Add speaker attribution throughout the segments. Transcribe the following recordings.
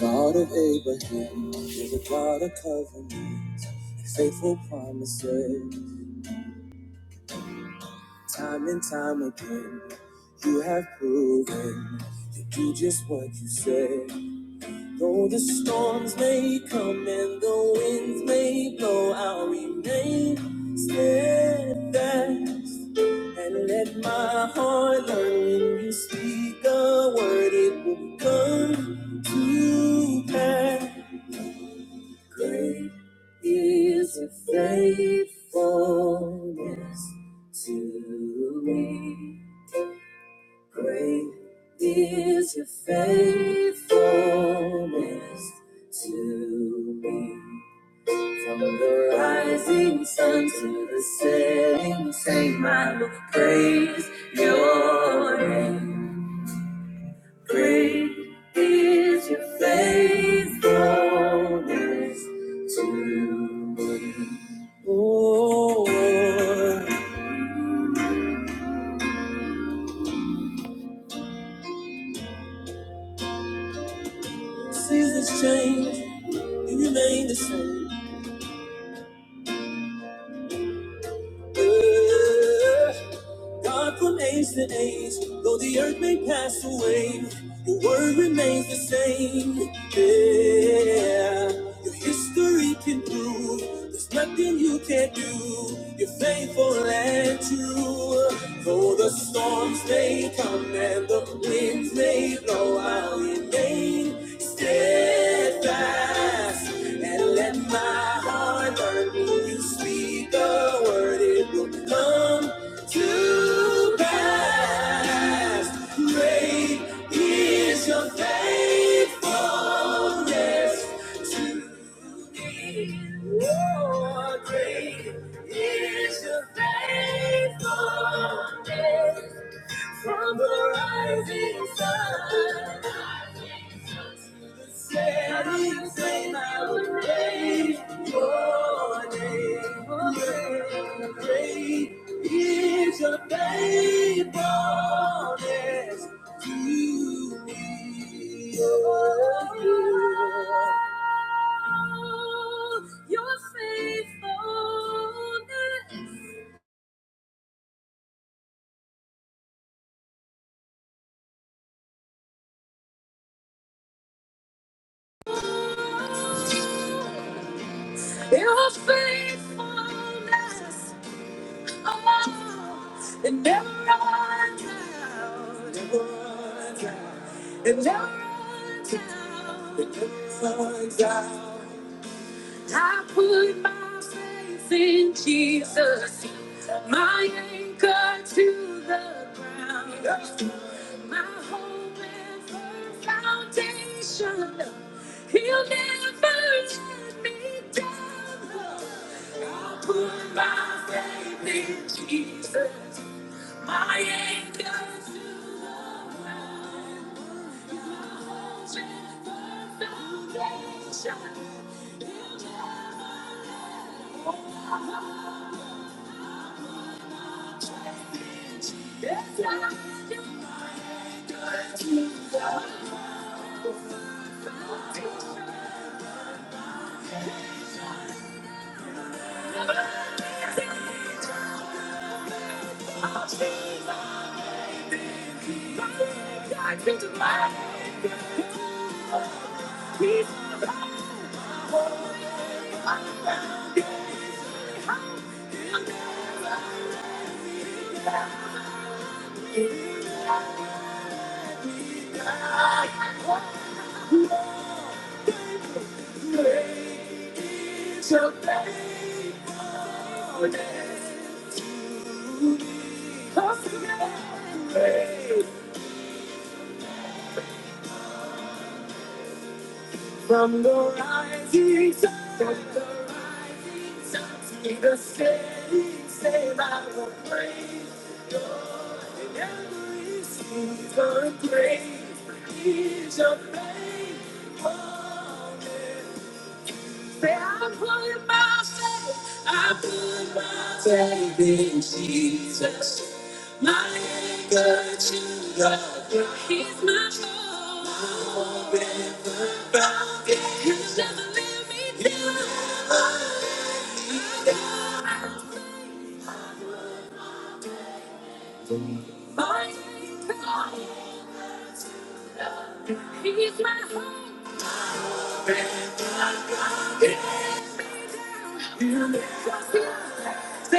Speaker 1: God of Abraham, you're the God of covenants and faithful promises. Time and time again, you have proven you do just what you say. Though the storms may come and the winds may blow, I'll remain steadfast and let my heart learn when you speak a word, it will come to pass. Great is your faithfulness to me. Great is your faithfulness to me. From the rising sun to the setting, same I will praise your name. Great is your faithfulness to me. Oh, seasons change, you remain the same. God from age to age, though the earth may pass away, your word remains the same. Yeah, your history can prove there's nothing you can't do. You're faithful and true. Though the storms may come and the winds may blow, I'll remain steadfast and let my heart burn When you speak the word, it will come to pass. Great is your faithfulness to me. great is your faithfulness. From the rising sun to the setting sun, I would praise your name. Great is your faithfulness to me. Oh, you're faithful. Your faithfulness It never runs out. It never runs out. It never runs out. It never runs out. I put my faith in Jesus, my anchor to the ground, my hope and firm foundation. He'll never let me down. I put my faith in Jesus, my anchor to the my He'll never hold my faith in Jesus. Anchor to the foundation. Never let ground. From the rising sun, from the rising sun to the setting, sun. I will praise your name. In Every season, praise is your faithfulness. i put my faith, I put my faith in Jesus. My anchor to the ground. He's my hope. He does never let me down. My anchor, he's my hope. Say, i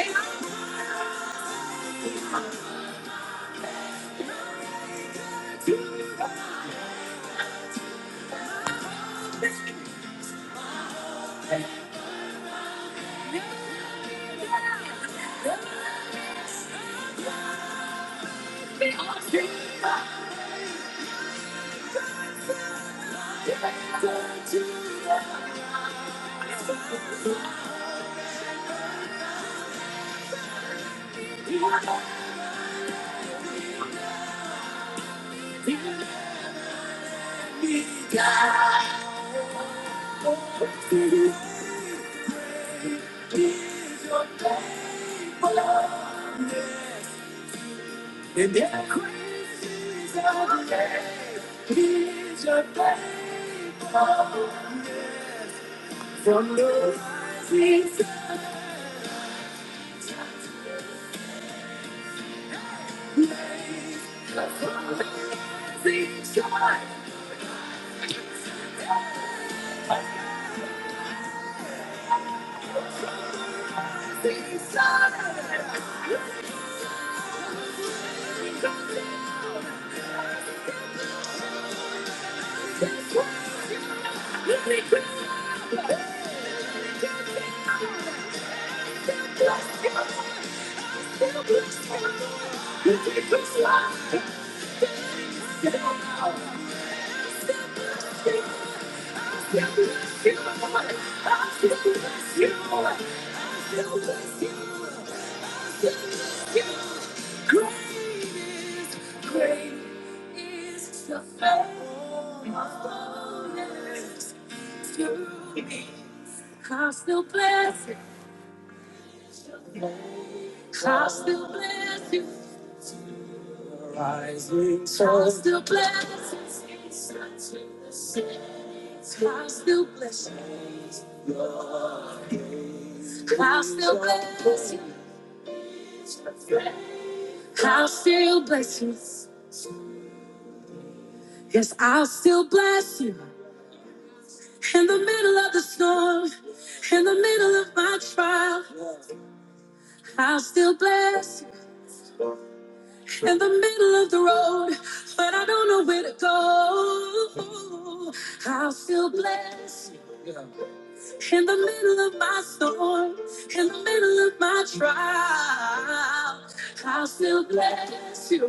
Speaker 1: down. From the seas, from the seas, from the I still bless you. I still bless you. Rising sun. I still bless you. I'll still bless you. I'll still bless you. I'll still bless you. Yes, I'll still bless you. In the middle of the storm, in the middle of my trial, I'll still bless you. In the middle of the road, but I don't know where to go. I'll still bless you. In the middle of my storm, in the middle of my trial, I'll still bless you.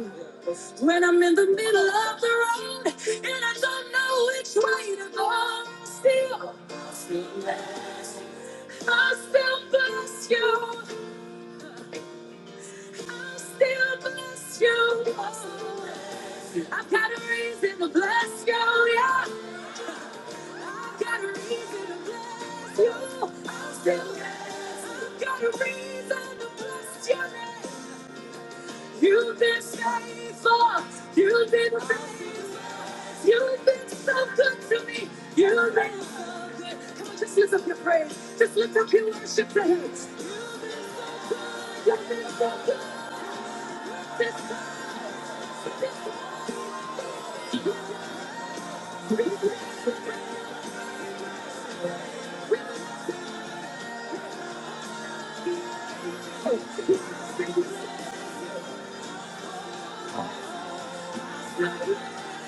Speaker 1: When I'm in the middle of the road and I don't know which way to go, still, I'll still bless you. I'll still bless you. I'll still bless you. I've got a reason to bless you. yeah. You've been faithful. You've been faithful. You've been so good to me. You've been so good. Come on, just lift up your praise. Just lift up your worship to Him. You've been so good. This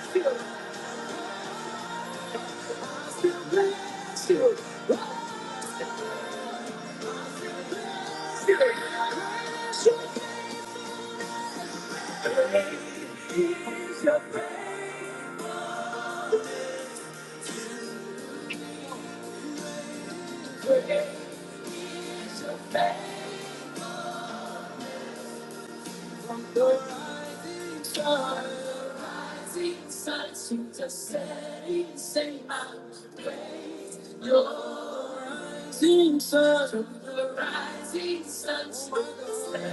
Speaker 1: Still bless you. Still bless you. Still bless you. Praise your praise. Great is your faith. Of the rising sun, the rising sun. You just say, say, I will praise Your name. Sun, from the rising sun, to the setting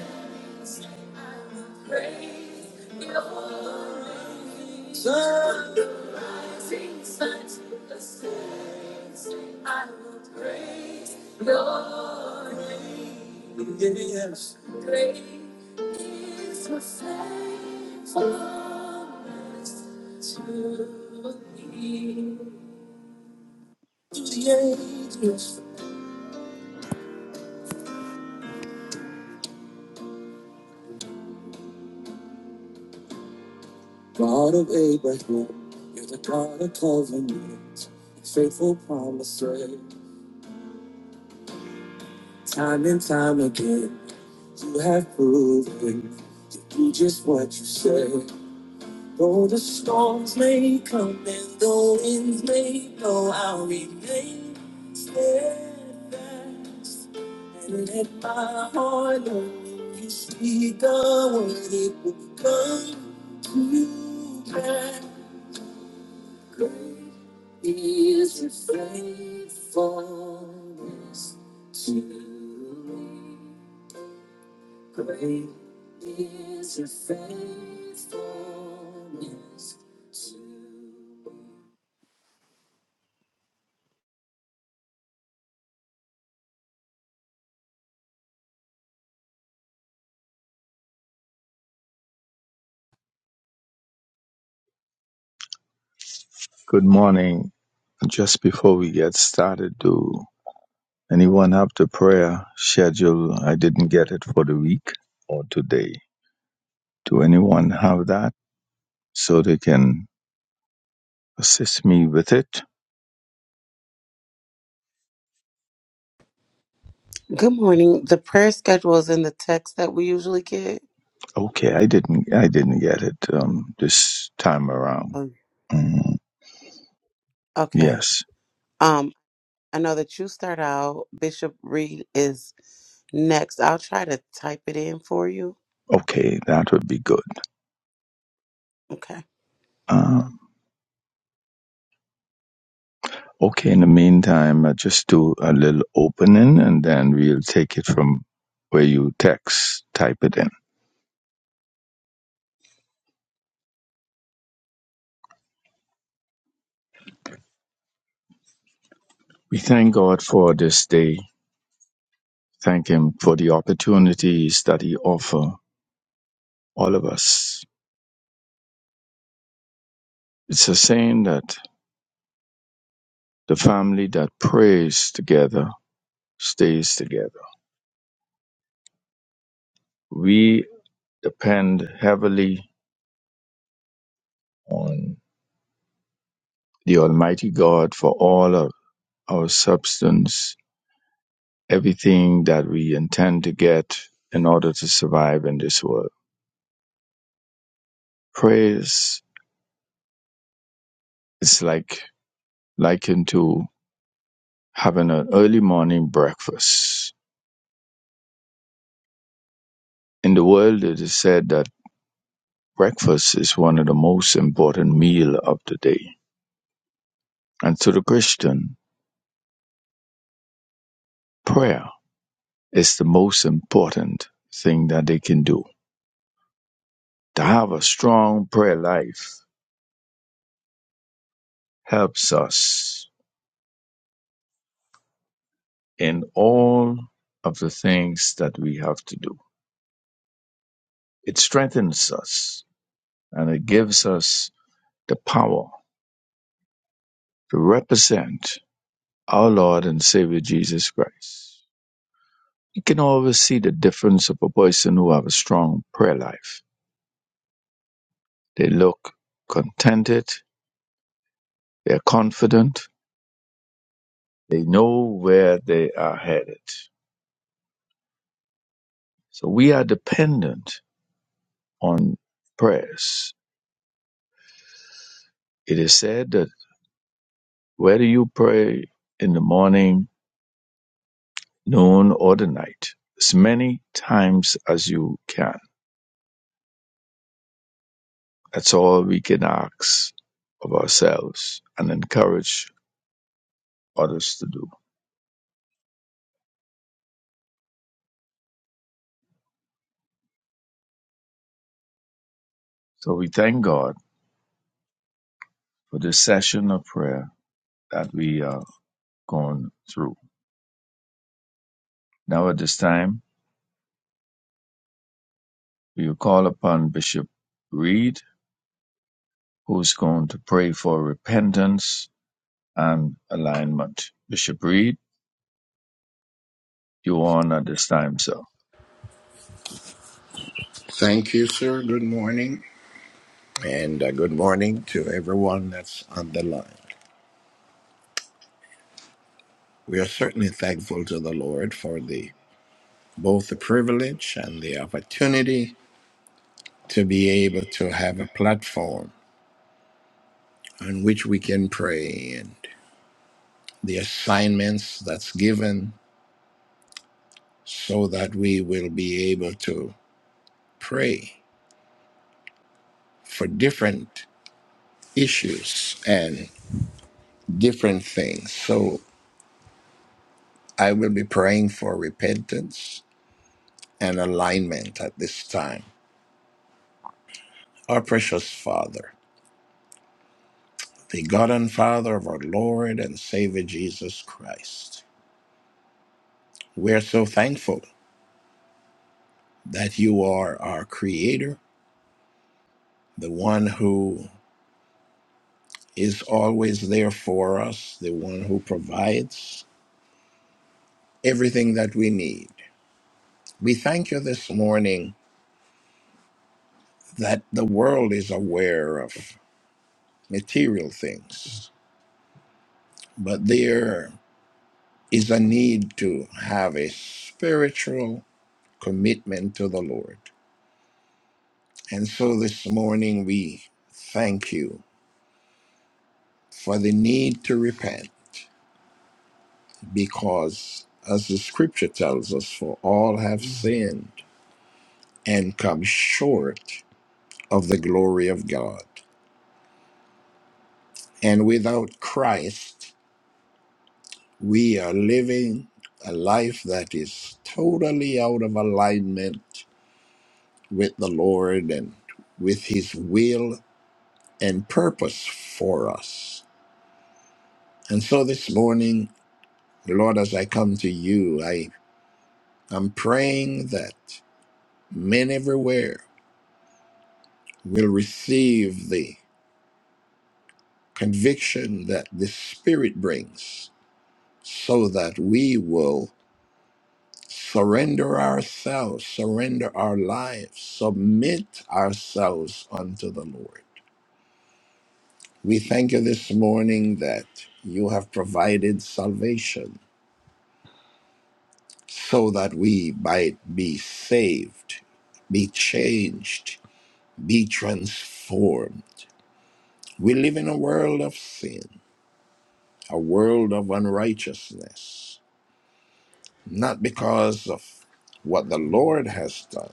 Speaker 1: sun. I will praise Your name. Sun, the rising sun, to the setting sun. I will praise Your name. Yes. Great is your faithfulness to me. To the ages, God of Abraham, you're the God of covenant, faithful promises. Time and time again, you have proven you do just what you say. Though the storms may come and the winds may blow, I'll remain steadfast and let my heart know when you speak the word, it will come to pass. Great is your faithfulness to me. Great is your faithfulness to me.
Speaker 2: Good morning. Just before we get started, do anyone have the prayer schedule? I didn't get it for the week or today. Do anyone have that so they can assist me with it?
Speaker 3: Good morning. The prayer schedule is in the text that we usually get.
Speaker 2: Okay, I didn't. I didn't get it um, this time around.
Speaker 3: Um,
Speaker 2: Mm,
Speaker 3: Okay.
Speaker 2: yes.
Speaker 3: Um, I know that you start out. Bishop Reed is next. I'll try to type it in for you.
Speaker 2: Okay, that would be good.
Speaker 3: Okay.
Speaker 2: Um, okay. In the meantime, I just do a little opening, and then we'll take it from where you text. Type it in. We thank God for this day. Thank Him for the opportunities that He offers all of us. It's a saying that the family that prays together stays together. We depend heavily on the Almighty God for all of our substance, everything that we intend to get in order to survive in this world. Praise is like likened to having an early morning breakfast In the world, it is said that breakfast is one of the most important meal of the day. And to the Christian, prayer is the most important thing that they can do. To have a strong prayer life helps us in all of the things that we have to do. It strengthens us and it gives us the power to represent our Lord and Savior Jesus Christ. You can always see the difference of a person who have a strong prayer life. They look contented, they're confident, they know where they are headed. So we are dependent on prayers. It is said that whether you pray in the morning, noon, or the night, as many times as you can. That's all we can ask of ourselves and encourage others to do. So we thank God for this session of prayer that we are going through. Now, at this time, we will call upon Bishop Reed, who's going to pray for repentance and alignment. Bishop Reed, you're on at this time, sir.
Speaker 4: Thank you, sir. Good morning. And uh, good morning to everyone that's on the line. We are certainly thankful to the Lord for the both the privilege and the opportunity to be able to have a platform on which we can pray and the assignments that's given so that we will be able to pray for different issues and different things. So I will be praying for repentance and alignment at this time. Our precious Father, the God and Father of our Lord and Savior Jesus Christ, we are so thankful that you are our Creator, the one who is always there for us, the one who provides everything that we need. We thank you this morning that the world is aware of material things, but there is a need to have a spiritual commitment to the Lord. And so this morning we thank you for the need to repent because, as the scripture tells us, for all have sinned and come short of the glory of God. And without Christ, we are living a life that is totally out of alignment with the Lord and with His will and purpose for us. And so this morning, Lord, as I come to you, I am praying that men everywhere will receive the conviction that the Spirit brings so that we will surrender ourselves, surrender our lives, submit ourselves unto the Lord. We thank you this morning that you have provided salvation so that we might be saved, be changed, be transformed. We live in a world of sin, a world of unrighteousness, not because of what the Lord has done,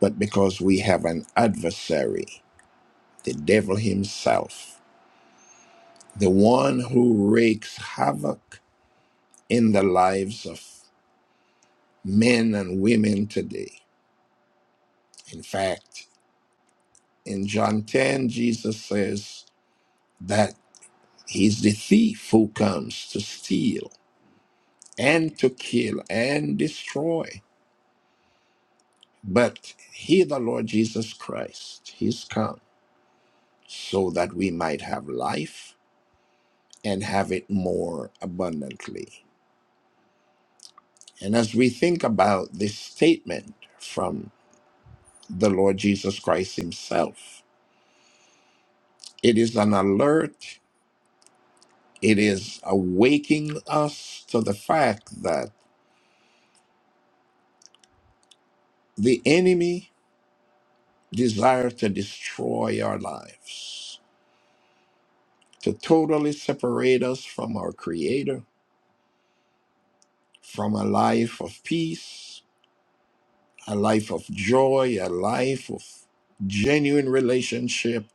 Speaker 4: but because we have an adversary, the devil himself, the one who wreaks havoc in the lives of men and women today. In fact, in John 10, Jesus says that he's the thief who comes to steal and to kill and destroy. But he, the Lord Jesus Christ, he's come so that we might have life and have it more abundantly. And as we think about this statement from the Lord Jesus Christ himself, it is an alert, it is awaking us to the fact that the enemy desires to destroy our lives, to totally separate us from our Creator from a life of peace, a life of joy, a life of genuine relationship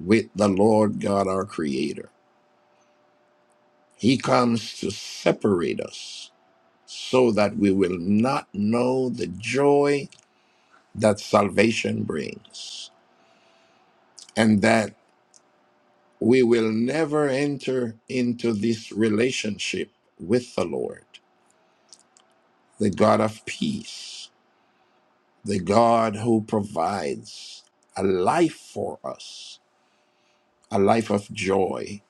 Speaker 4: with the Lord God, our Creator. He comes to separate us so that we will not know the joy that salvation brings and that we will never enter into this relationship with the Lord, the God of peace, the God who provides a life for us a life of joy,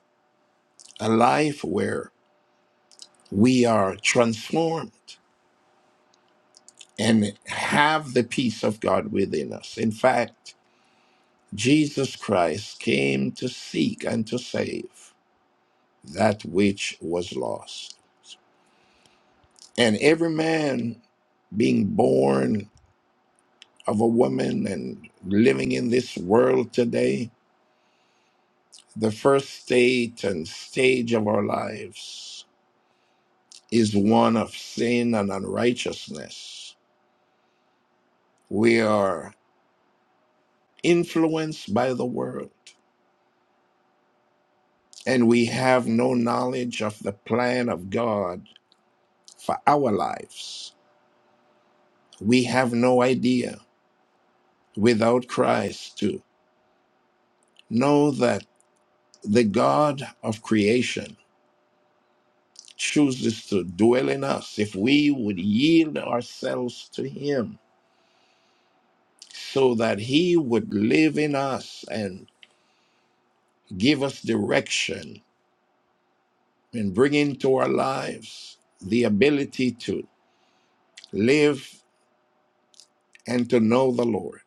Speaker 4: a life where we are transformed and have the peace of God within us. In fact, Jesus Christ came to seek and to save that which was lost. And every man being born of a woman and living in this world today, the first state and stage of our lives is one of sin and unrighteousness. We are influenced by the world, and we have no knowledge of the plan of God for our lives. We have no idea without Christ to know that the God of creation chooses to dwell in us if we would yield ourselves to Him so that He would live in us and give us direction and bring into our lives the ability to live and to know the Lord,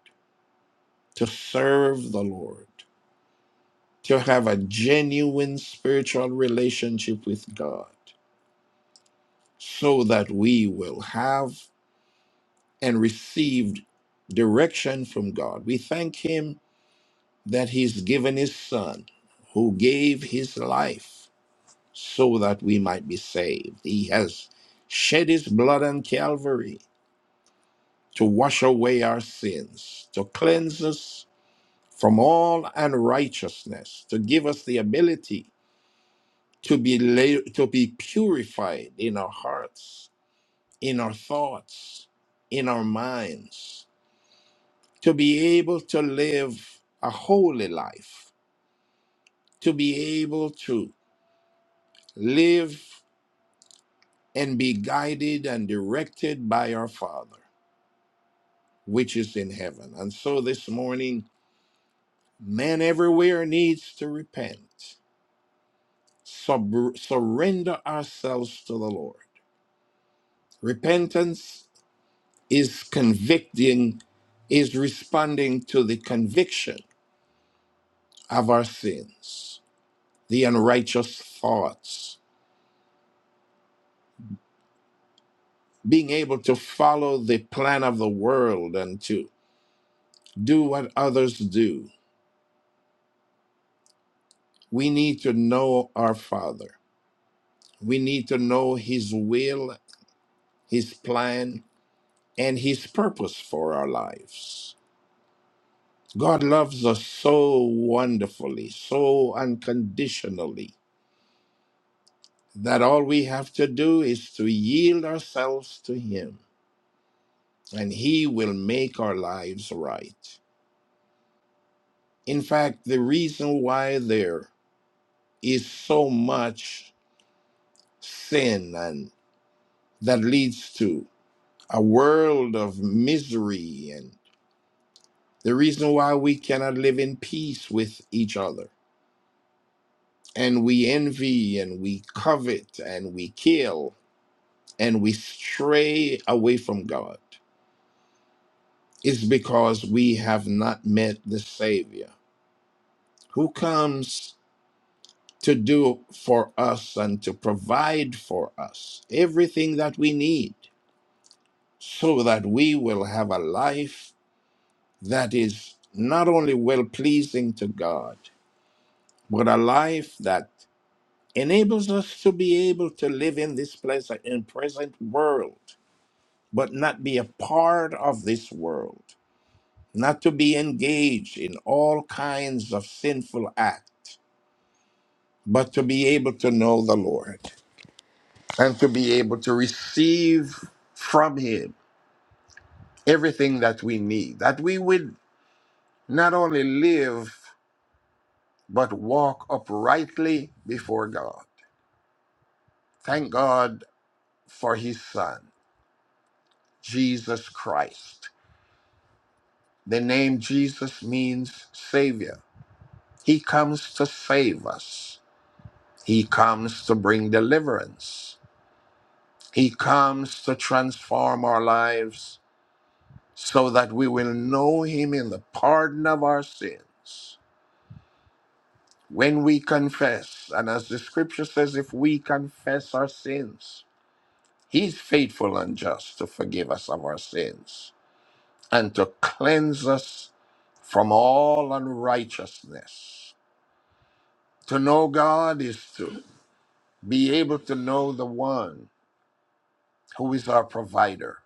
Speaker 4: to serve the Lord, to have a genuine spiritual relationship with God, so that we will have and receive direction from God. We thank Him that He's given His Son, who gave His life so that we might be saved. He has shed His blood on Calvary to wash away our sins, to cleanse us from all unrighteousness to give us the ability to be la- to be purified in our hearts in our thoughts in our minds to be able to live a holy life to be able to live and be guided and directed by our father which is in heaven and so this morning man everywhere needs to repent sub- surrender ourselves to the lord Repentance is convicting, is responding to the conviction of our sins, the unrighteous thoughts, being able to follow the plan of the world and to do what others do. We need to know our Father. We need to know His will, His plan, and His purpose for our lives. God loves us so wonderfully, so unconditionally that all we have to do is to yield ourselves to Him, and He will make our lives right. In fact, the reason why there is so much sin and that leads to a world of misery, and the reason why we cannot live in peace with each other, and we envy, and we covet, and we kill, and we stray away from God Is because we have not met the Savior who comes to do for us and to provide for us everything that we need so that we will have a life that is not only well pleasing to God, but a life that enables us to be able to live in this pleasant and present world, but not be a part of this world, not to be engaged in all kinds of sinful acts but to be able to know the Lord and to be able to receive from Him everything that we need, that we would not only live, but walk uprightly before God. Thank God for His Son, Jesus Christ. The name Jesus means Savior. He comes to save us, He comes to bring deliverance, He comes to transform our lives so that we will know him in the pardon of our sins. When we confess, and as the scripture says, if we confess our sins, he's faithful and just to forgive us of our sins and to cleanse us from all unrighteousness. To know God is to be able to know the one who is our provider,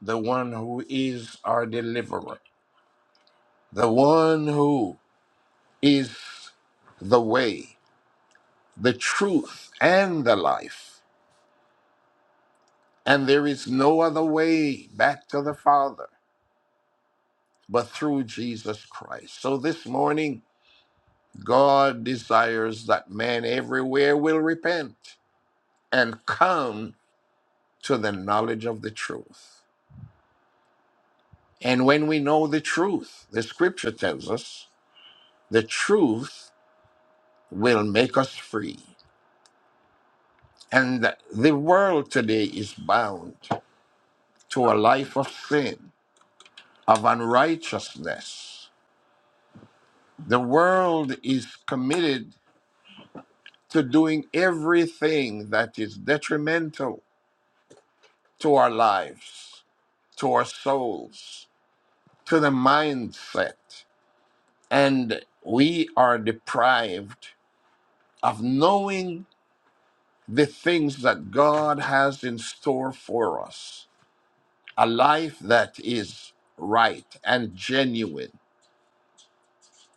Speaker 4: the one who is our deliverer, the one who is the way, the truth and the life. And there is no other way back to the Father but through Jesus Christ. So this morning, God desires that man everywhere will repent and come to the knowledge of the truth. And when we know the truth, the scripture tells us the truth will make us free. And the world today is bound to a life of sin, of unrighteousness The world is committed to doing everything that is detrimental to our lives, to our souls, to the mindset. And we are deprived of knowing the things that God has in store for us a life that is right and genuine,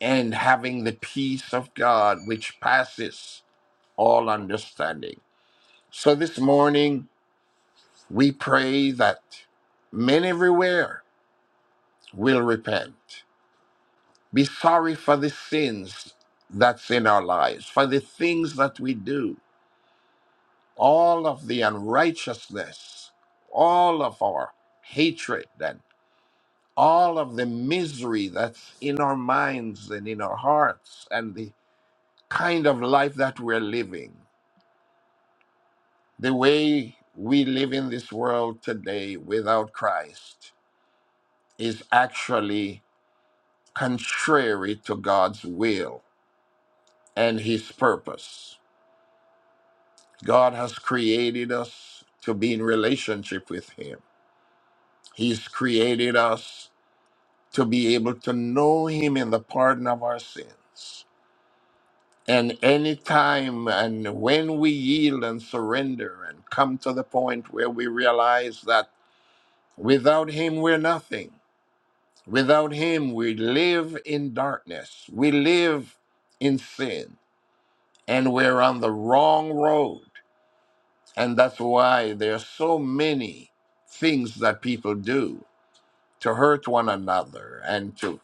Speaker 4: and having the peace of God which passes all understanding. So this morning, We pray that men everywhere will repent, be sorry for the sins that's in our lives, for the things that we do, all of the unrighteousness, all of our hatred, and all of the misery that's in our minds and in our hearts, and the kind of life that we're living, the way we live in this world today without Christ is actually contrary to God's will and His purpose. God has created us to be in relationship with Him. He's created us to be able to know Him in the pardon of our sins. And anytime and when we yield and surrender and come to the point where we realize that without Him we're nothing, without Him we live in darkness, we live in sin and we're on the wrong road. And that's why there are so many things that people do to hurt one another and to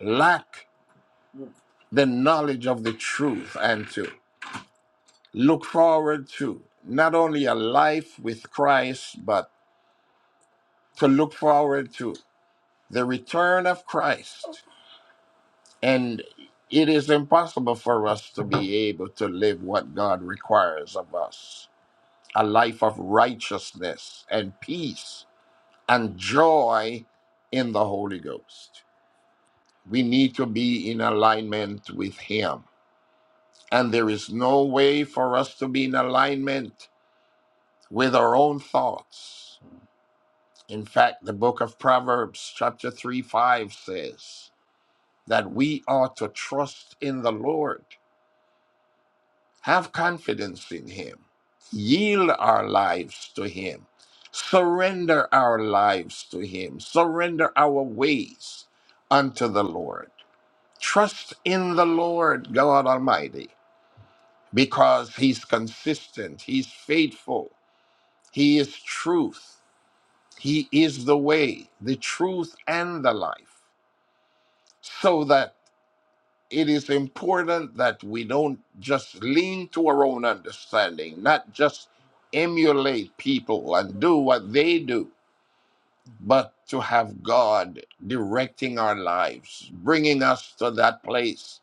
Speaker 4: lack the knowledge of the truth and to look forward to not only a life with Christ, but to look forward to the return of Christ. And it is impossible for us to be able to live what God requires of us a life of righteousness and peace and joy in the Holy Ghost. We need to be in alignment with Him. And there is no way for us to be in alignment with our own thoughts. In fact, the book of Proverbs, chapter 3 5 says that we ought to trust in the Lord, have confidence in Him, yield our lives to Him, surrender our lives to Him, surrender our ways unto the Lord Trust in the Lord God Almighty because He's consistent, He's faithful, He is truth, He is the way, the truth, and the life. So that it is important that we don't just lean to our own understanding, not just emulate people and do what they do, but to have God directing our lives, bringing us to that place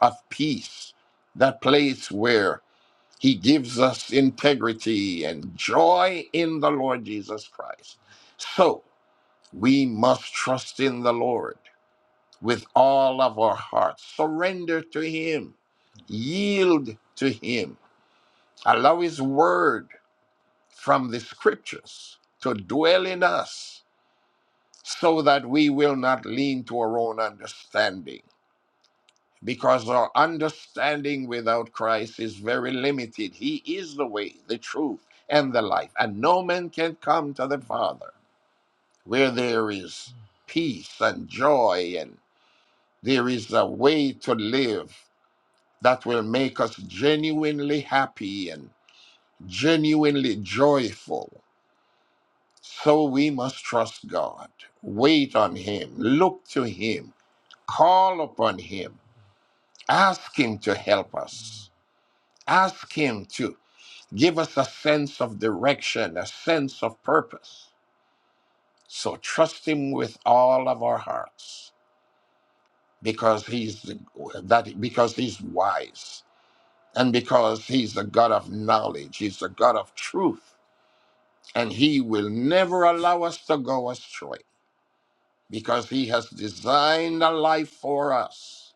Speaker 4: of peace, that place where He gives us integrity and joy in the Lord Jesus Christ. So we must trust in the Lord with all of our hearts, surrender to Him, yield to Him, allow His word from the scriptures to dwell in us so that we will not lean to our own understanding. Because our understanding without Christ is very limited. He is the way, the truth, and the life. And no man can come to the Father where there is peace and joy, and there is a way to live that will make us genuinely happy and genuinely joyful. So we must trust God, wait on Him, look to Him call upon Him, ask Him to help us, ask Him to give us a sense of direction, a sense of purpose. So trust Him with all of our hearts because He's the, that because He's wise and because He's a God of knowledge, He's a God of truth, and He will never allow us to go astray because He has designed a life for us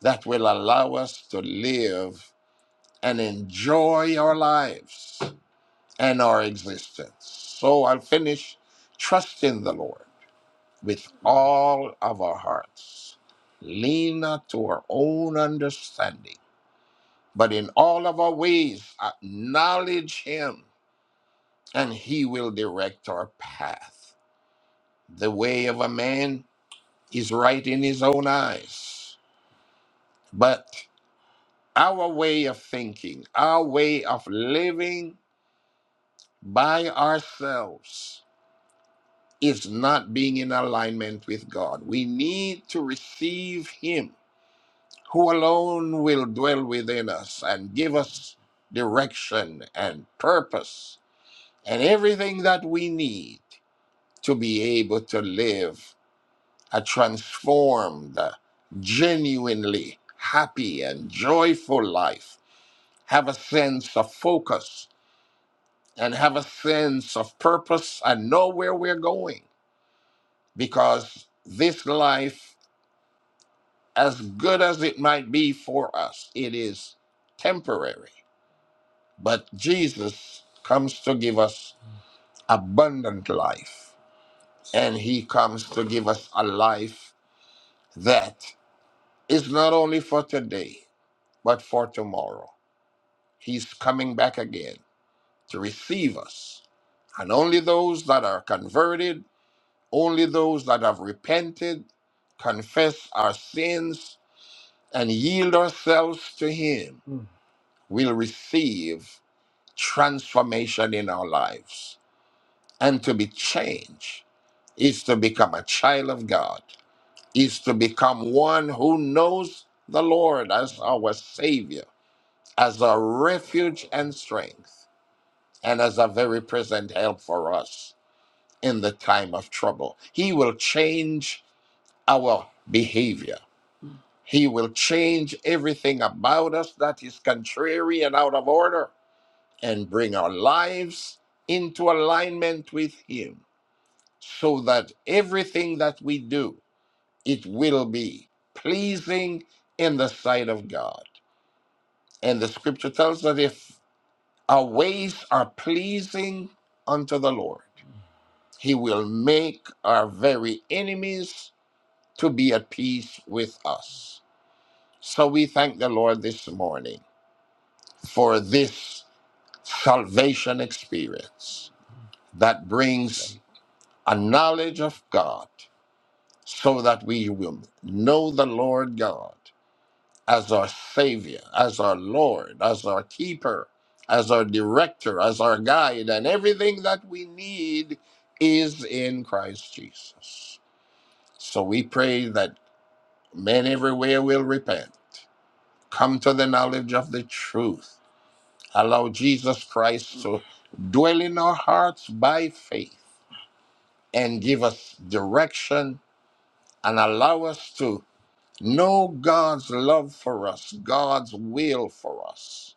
Speaker 4: that will allow us to live and enjoy our lives and our existence. So I'll finish trusting the Lord with all of our hearts. Lean not to our own understanding, but in all of our ways acknowledge Him, and He will direct our path. The way of a man is right in his own eyes, but our way of thinking, our way of living by ourselves is not being in alignment with God. We need to receive Him, who alone will dwell within us and give us direction and purpose and everything that we need to be able to live a transformed, genuinely happy, and joyful life. Have a sense of focus and have a sense of purpose and know where we're going because this life as good as it might be for us, it is temporary. But Jesus comes to give us abundant life, and He comes to give us a life that is not only for today, but for tomorrow. He's coming back again to receive us. And only those that are converted, only those that have repented, confess our sins, and yield ourselves to Him will receive transformation in our lives. And to be changed is to become a child of God, is to become one who knows the Lord as our Savior, as a refuge and strength, and as a very present help for us in the time of trouble. He will change our behavior. He will change everything about us that is contrary and out of order and bring our lives into alignment with him so that everything that we do it will be pleasing in the sight of god and the scripture tells that if our ways are pleasing unto the lord he will make our very enemies to be at peace with us so we thank the lord this morning for this salvation experience that brings a knowledge of God, so that we will know the Lord God as our Savior, as our Lord, as our keeper, as our director, as our guide, and everything that we need is in Christ Jesus. So we pray that men everywhere will repent, come to the knowledge of the truth, allow Jesus Christ to dwell in our hearts by faith, and give us direction and allow us to Know God's love for us, God's will for us.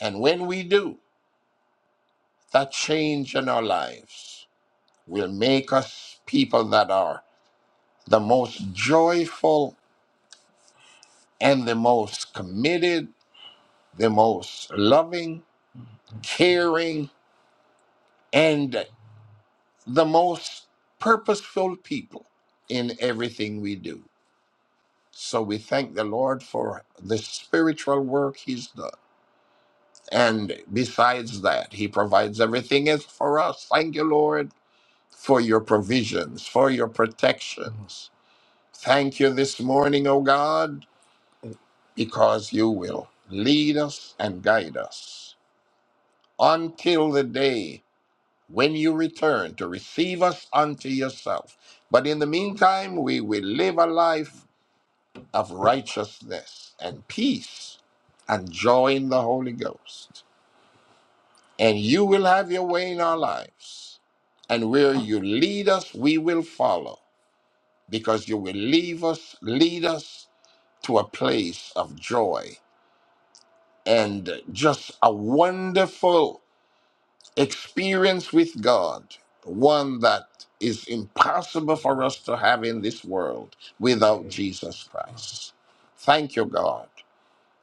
Speaker 4: And when we do, that change in our lives will make us people that are the most joyful and the most committed, the most loving, caring, and the most purposeful people in everything we do. So we thank the Lord for the spiritual work He's done And besides that, He provides everything else for us. Thank you, Lord, for your provisions, for your protections. Thank you this morning, O God, because you will lead us and guide us until the day when you return to receive us unto yourself. But in the meantime, we will live a life of righteousness and peace and joy in the Holy Ghost. and you will have your way in our lives. And where you lead us, we will follow because you will leave us, lead us to a place of joy and just a wonderful experience with God, one that is impossible for us to have in this world without Jesus Christ. Thank you, God,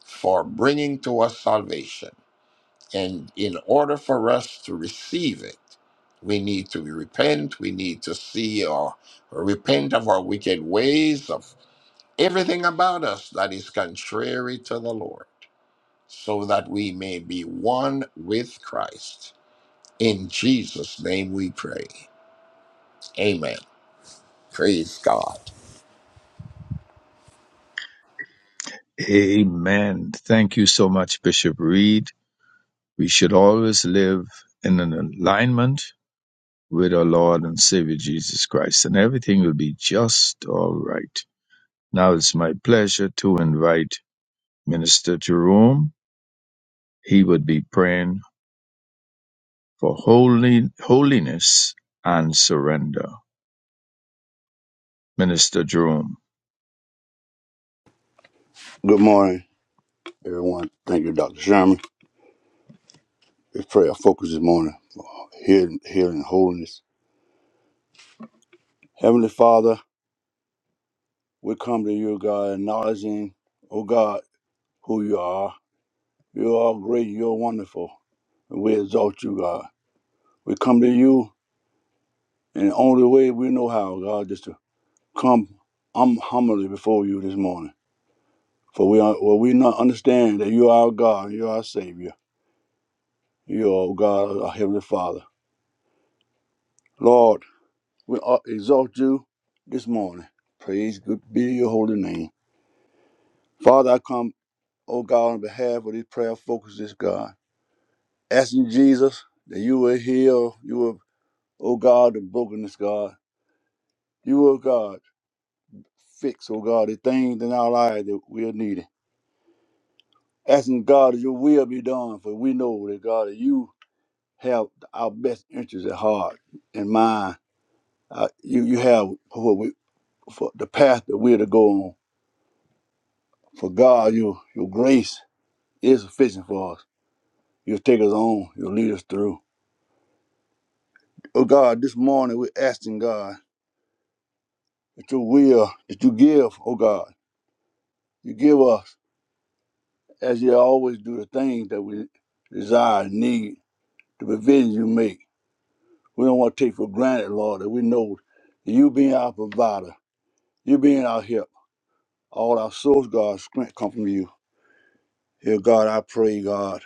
Speaker 4: for bringing to us salvation. And in order for us to receive it, we need to repent. We need to see or, repent of our wicked ways, of everything about us that is contrary to the Lord, so that we may be one with Christ. In Jesus' name we pray. Amen. Praise God.
Speaker 2: Amen. Thank you so much, Bishop Reed. We should always live in an alignment with our Lord and Savior Jesus Christ, and everything will be just all right. Now, it's my pleasure to invite Minister Jerome. He would be praying for holy, holiness and surrender. Minister Jerome.
Speaker 5: Good morning, everyone. Thank you, Dr. Sherman. Let's pray our focus this morning for healing, healing, holiness. Heavenly Father, we come to you, God, acknowledging, oh God, who you are. You are great, you are wonderful. And we exalt you, God. We come to you in the only way we know how, God, just to come um, humbly before you this morning. For we are, well, we not understand that you are our God, you are our Savior. You are, oh God, our Heavenly Father. Lord, We uh, exalt you this morning. Praise be your holy name. Father, I come, oh God, on behalf of this prayer focus, this God. Asking Jesus that you will heal, you will, oh God, the brokenness, God. You will, God, fix, oh God, the things in our lives that we are needing. Asking God that your will be done, for we know that God, that you have our best interests at heart and mind. Uh, you, you have what we, for the path that we're to go on. For God, your, your grace is sufficient for us. You'll take us on. You'll lead us through. Oh God, this morning we're asking God that your will, that you give, oh God, you give us, as you always do, the things that we desire, need, the provisions you make. We don't want to take for granted, Lord, that we know that you being our provider, you being our help. All our souls, God, strength come from you. Here, God, I pray, God,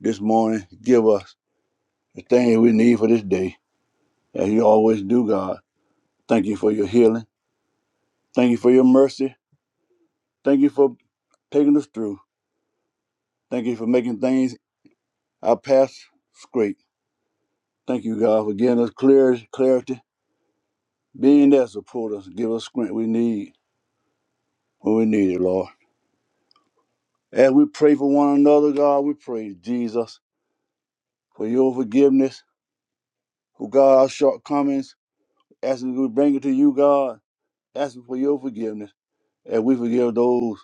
Speaker 5: this morning, give us the things we need for this day, as you always do, God. Thank you for your healing. Thank you for your mercy. Thank you for taking us through. Thank you for making things our path straight. Thank you, God, for giving us clear clarity, being there to support us, give us strength we need when we need it, Lord. As we pray for one another, God, we pray, Jesus, for your forgiveness, for God, our shortcomings, asking we bring it to you, God, asking for your forgiveness. And we forgive those,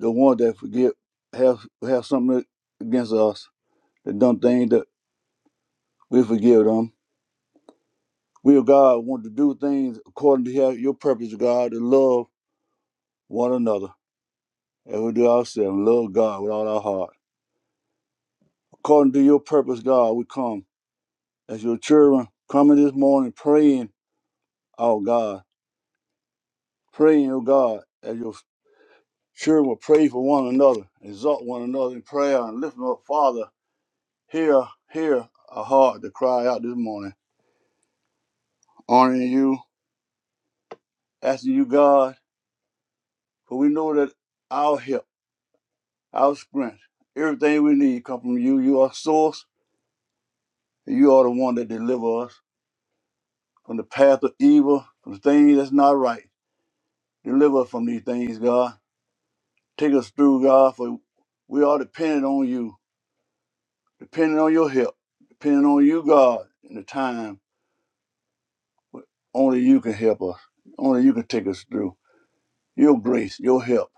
Speaker 5: the ones that forgive, have have something against us, that done things that we forgive them. We of God want to do things according to your purpose, God, and love one another. And we do ourselves, love God with all our heart. According to your purpose, God, we come as your children, coming this morning praying, oh God, praying, oh God, as your children will pray for one another, exalt one another in prayer, and lift up, Father, hear, hear our heart to cry out this morning, honoring you, asking you, God, for we know that our help. our strength. Everything we need come from you. You are source, and you are the one that deliver us from the path of evil, from the things that's not right. Deliver us from these things, God. Take us through, God, for we are dependent on you, dependent on your help, dependent on you, God, in the time when only you can help us. Only you can take us through. Your grace, your help.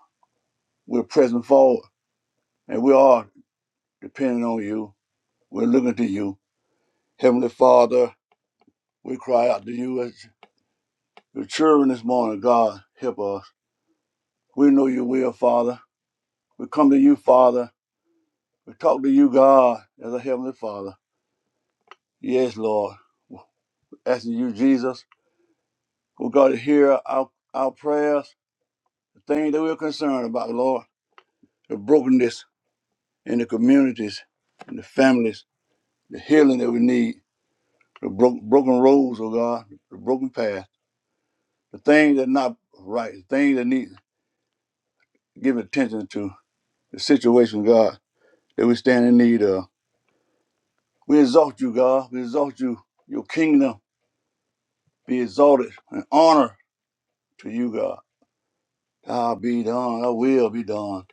Speaker 5: We're pressing forward, and we are dependent on you. We're looking to you. Heavenly Father, we cry out to you as. The children this morning, God, help us. We know your will, Father. We come to you, Father. We talk to you, God, as a heavenly Father. Yes, Lord. Asking you, Jesus, oh God, to hear our, our prayers, the things that we're concerned about, Lord. The brokenness in the communities, in the families, the healing that we need, the bro- broken roads, oh God, the broken path, the things that are not right, the things that need giving attention to, the situation, God, that we stand in need of. We exalt you, God. We exalt you. Your kingdom be exalted and honor to you, God. God be done. Thy will be done.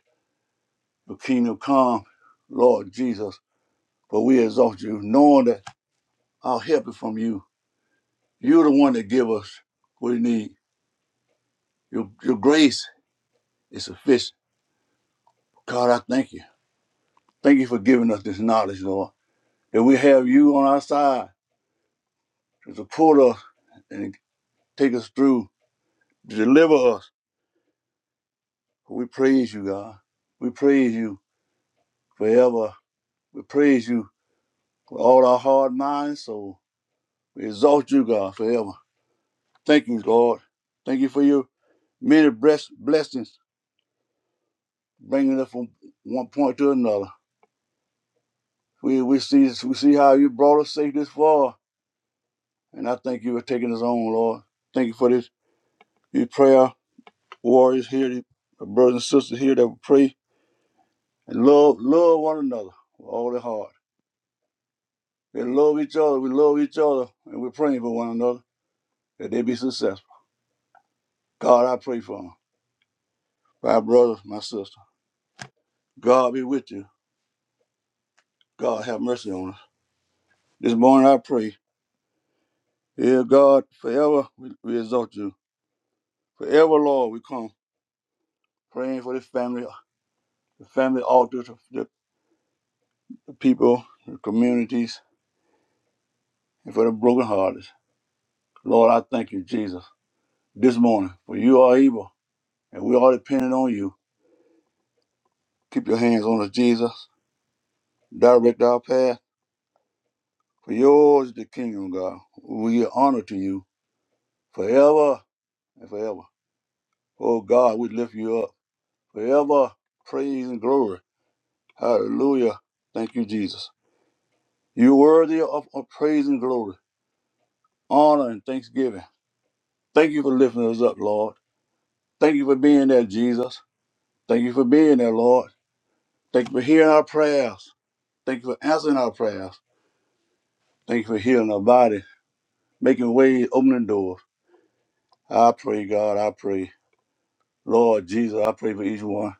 Speaker 5: Your kingdom come, Lord Jesus. But we exalt you, knowing that our help is from you. You're the one that give us what we need. Your, your grace is sufficient. God, I thank you. Thank you for giving us this knowledge, Lord, that we have you on our side to support us and take us through, to deliver us. We praise you, God. We praise you. forever. We praise you with all our heart, mind, soul. We exalt you, God, forever. Thank you, Lord. Thank you for your many bless- blessings, bringing us from one point to another. We, we see we see how you brought us safe this far, and I thank you for taking us on, Lord. Thank you for this, these prayer warriors here, these brothers and sisters here that will pray and love love one another with all their heart. They love each other. We love each other, and we're praying for one another that they be successful. God, I pray for them. My brother, my sister, God be with you. God have mercy on us. This morning I pray. Dear God, forever we, we exalt you. Forever, Lord, we come praying for this family, the family altar, the, the people, the communities, and for the brokenhearted. Lord, I thank you, Jesus, this morning, for you are evil, and we are dependent on you. Keep your hands on us, Jesus. Direct our path. For yours is the kingdom, God. We give honor to you forever and forever. Oh God, we lift you up. forever praise and glory. Hallelujah. Thank you, Jesus. You're worthy of, of praise and glory, honor and thanksgiving. Thank you for lifting us up, Lord. Thank you for being there, Jesus. Thank you for being there, Lord. Thank you for hearing our prayers. Thank you for answering our prayers. Thank you for healing our body, making ways, opening doors. I pray, God, I pray. Lord Jesus, I pray for each one.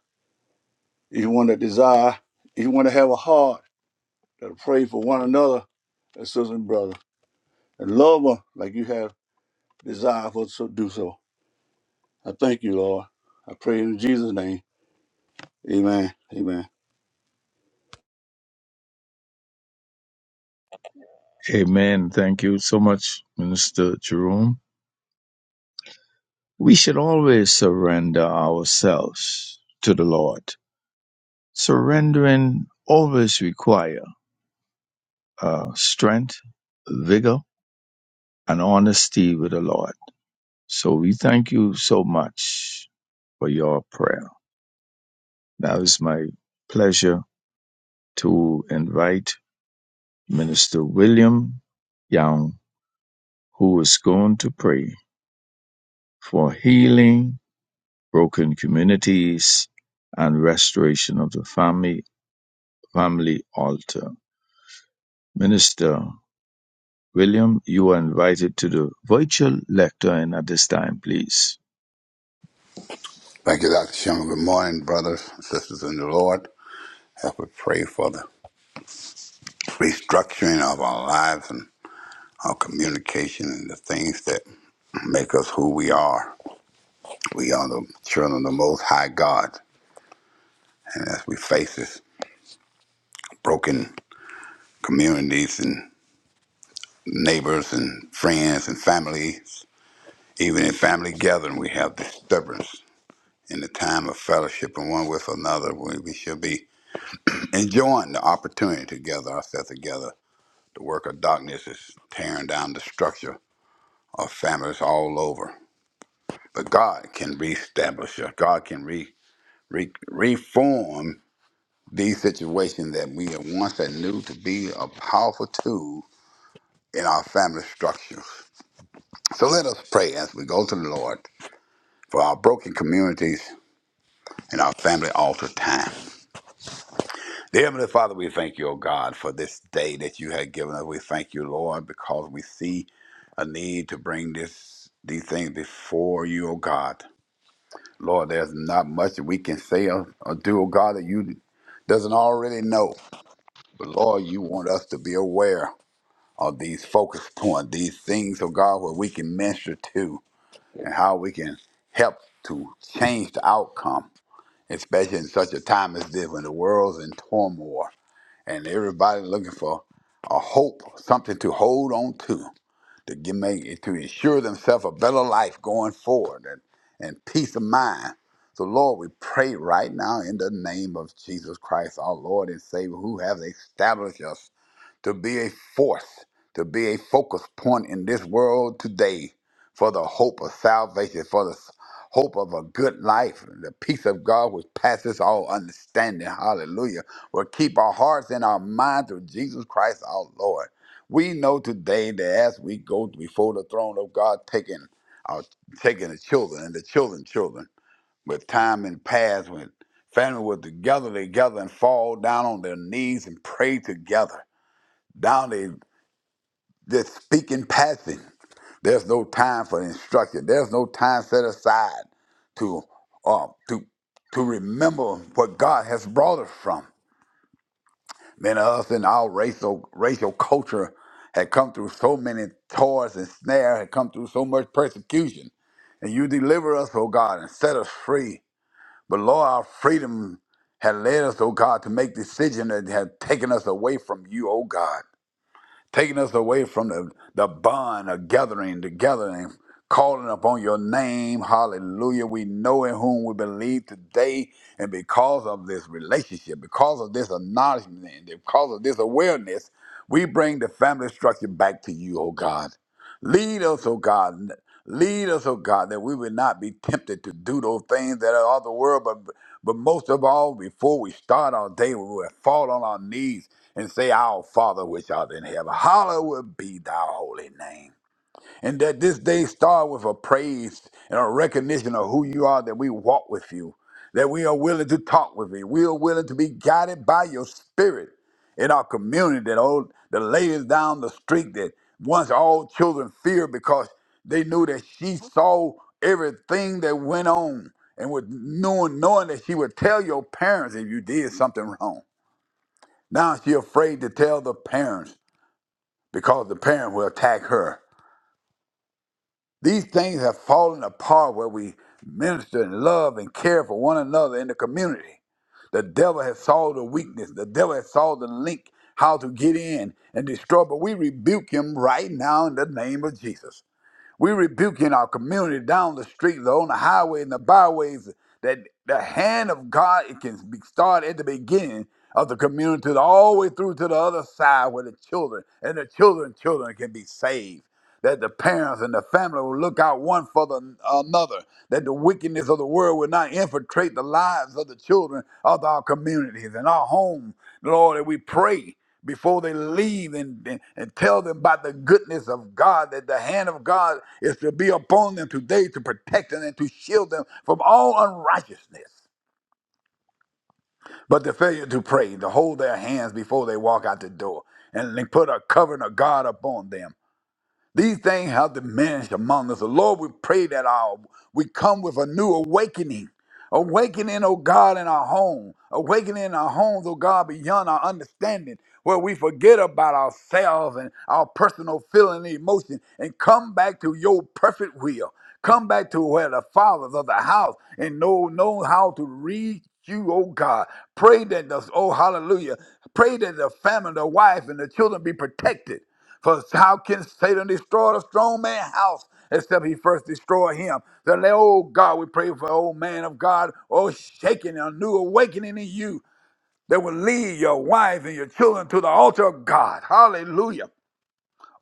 Speaker 5: Each one that desire, each one that have a heart, that pray for one another, as sister and brother, and love them like you have desire for us to do so. I thank you, Lord. I pray in Jesus' name. Amen. Amen.
Speaker 2: Amen. Thank you so much, Minister Jerome. We should always surrender ourselves to the Lord. Surrendering always require uh, strength, vigor, and honesty with the Lord. So we thank you so much for your prayer. Now it's my pleasure to invite Minister William Young who is going to pray for healing, broken communities, and restoration of the family, family altar. Minister William, you are invited to the virtual lectern at this time, please.
Speaker 6: Thank you, Dr. Sherman. Good morning, brothers and sisters in the Lord. Help us pray for the restructuring of our lives and our communication and the things that make us who we are. We are the children of the Most High God. And as we face this broken communities and neighbors and friends and families, even in family gathering, we have disturbance. In the time of fellowship and one with another, we, we should be enjoying the opportunity to gather ourselves together The work of darkness is tearing down the structure of families all over. But God can reestablish us. God can re, re, reform these situations that we have once had knew to be a powerful tool in our family structures. So let us pray as we go to the Lord for our broken communities and our family altar time. Dear Heavenly Father, we thank you, O God, for this day that you have given us. We thank you, Lord, because we see a need to bring this these things before you, O God. Lord, there's not much that we can say or, or do, O God, that you doesn't already know. But Lord, you want us to be aware of these focus points, these things, O God, where we can minister to and how we can help to change the outcome, especially in such a time as this when the world's in turmoil and everybody looking for a hope, something to hold on to, to give, make to ensure themselves a better life going forward and, and peace of mind. So Lord, we pray right now in the name of Jesus Christ, our Lord and Savior, who has established us to be a force, to be a focus point in this world today for the hope of salvation, for the s- hope of a good life, the peace of God which passes all understanding. Hallelujah. Will keep our hearts and our minds through Jesus Christ our Lord. We know today that as we go before the throne of God, taking our taking the children and the children, children, with time and past when family were together together and fall down on their knees and pray together now they just speak in passing. There's no time for instruction. There's no time set aside to uh, to to remember what God has brought us from. Many of us in our racial racial culture had come through so many toils and snares, had come through so much persecution. And you deliver us, oh God, and set us free. But Lord, our freedom had led us, oh God, to make decisions that had taken us away from you, oh God. taking us away from the, the bond of gathering together and calling upon your name. Hallelujah. We know in whom we believe today. And because of this relationship, because of this acknowledgement, and because of this awareness, we bring the family structure back to you, oh God. Lead us, oh God. Lead us, oh God, that we would not be tempted to do those things that are of the world, but but most of all, before we start our day, we will fall on our knees and say, Our Father which art in heaven, hallowed be thy holy name. And that this day start with a praise and a recognition of who you are, that we walk with you, that we are willing to talk with you. We are willing to be guided by your spirit in our community, that old the ladies down the street that once all children feared because they knew that she saw everything that went on and with knowing, knowing that she would tell your parents if you did something wrong. Now she afraid to tell the parents because the parent will attack her. These things have fallen apart where we minister and love and care for one another in the community. The devil has saw the weakness. The devil has saw the link, how to get in and destroy. But we rebuke him right now in the name of Jesus. We rebuke in our community, down the street, on the highway, and the byways, that the hand of God it can be start at the beginning of the community all the way through to the other side where the children and the children, children can be saved that the parents and the family will look out one for the, another, that the wickedness of the world will not infiltrate the lives of the children of our communities and our home. Lord, that we pray before they leave and, and, and tell them about the goodness of God, that the hand of God is to be upon them today to protect them and to shield them from all unrighteousness. But the failure to pray, to hold their hands before they walk out the door, and they put a covering of God upon them. These things have diminished among us. Lord, we pray that our we come with a new awakening. Awakening, oh God, in our home. Awakening in our homes, oh God, beyond our understanding, where we forget about ourselves and our personal feeling and emotion and come back to your perfect will. Come back to where the fathers of the house and know know how to reach you, oh God. Pray that the oh hallelujah. Pray that the family, the wife, and the children be protected for how can Satan destroy the strong man's house except he first destroy him? So, let- oh God, we pray for old man of God, oh shaking a new awakening in you that will lead your wife and your children to the altar of God. Hallelujah.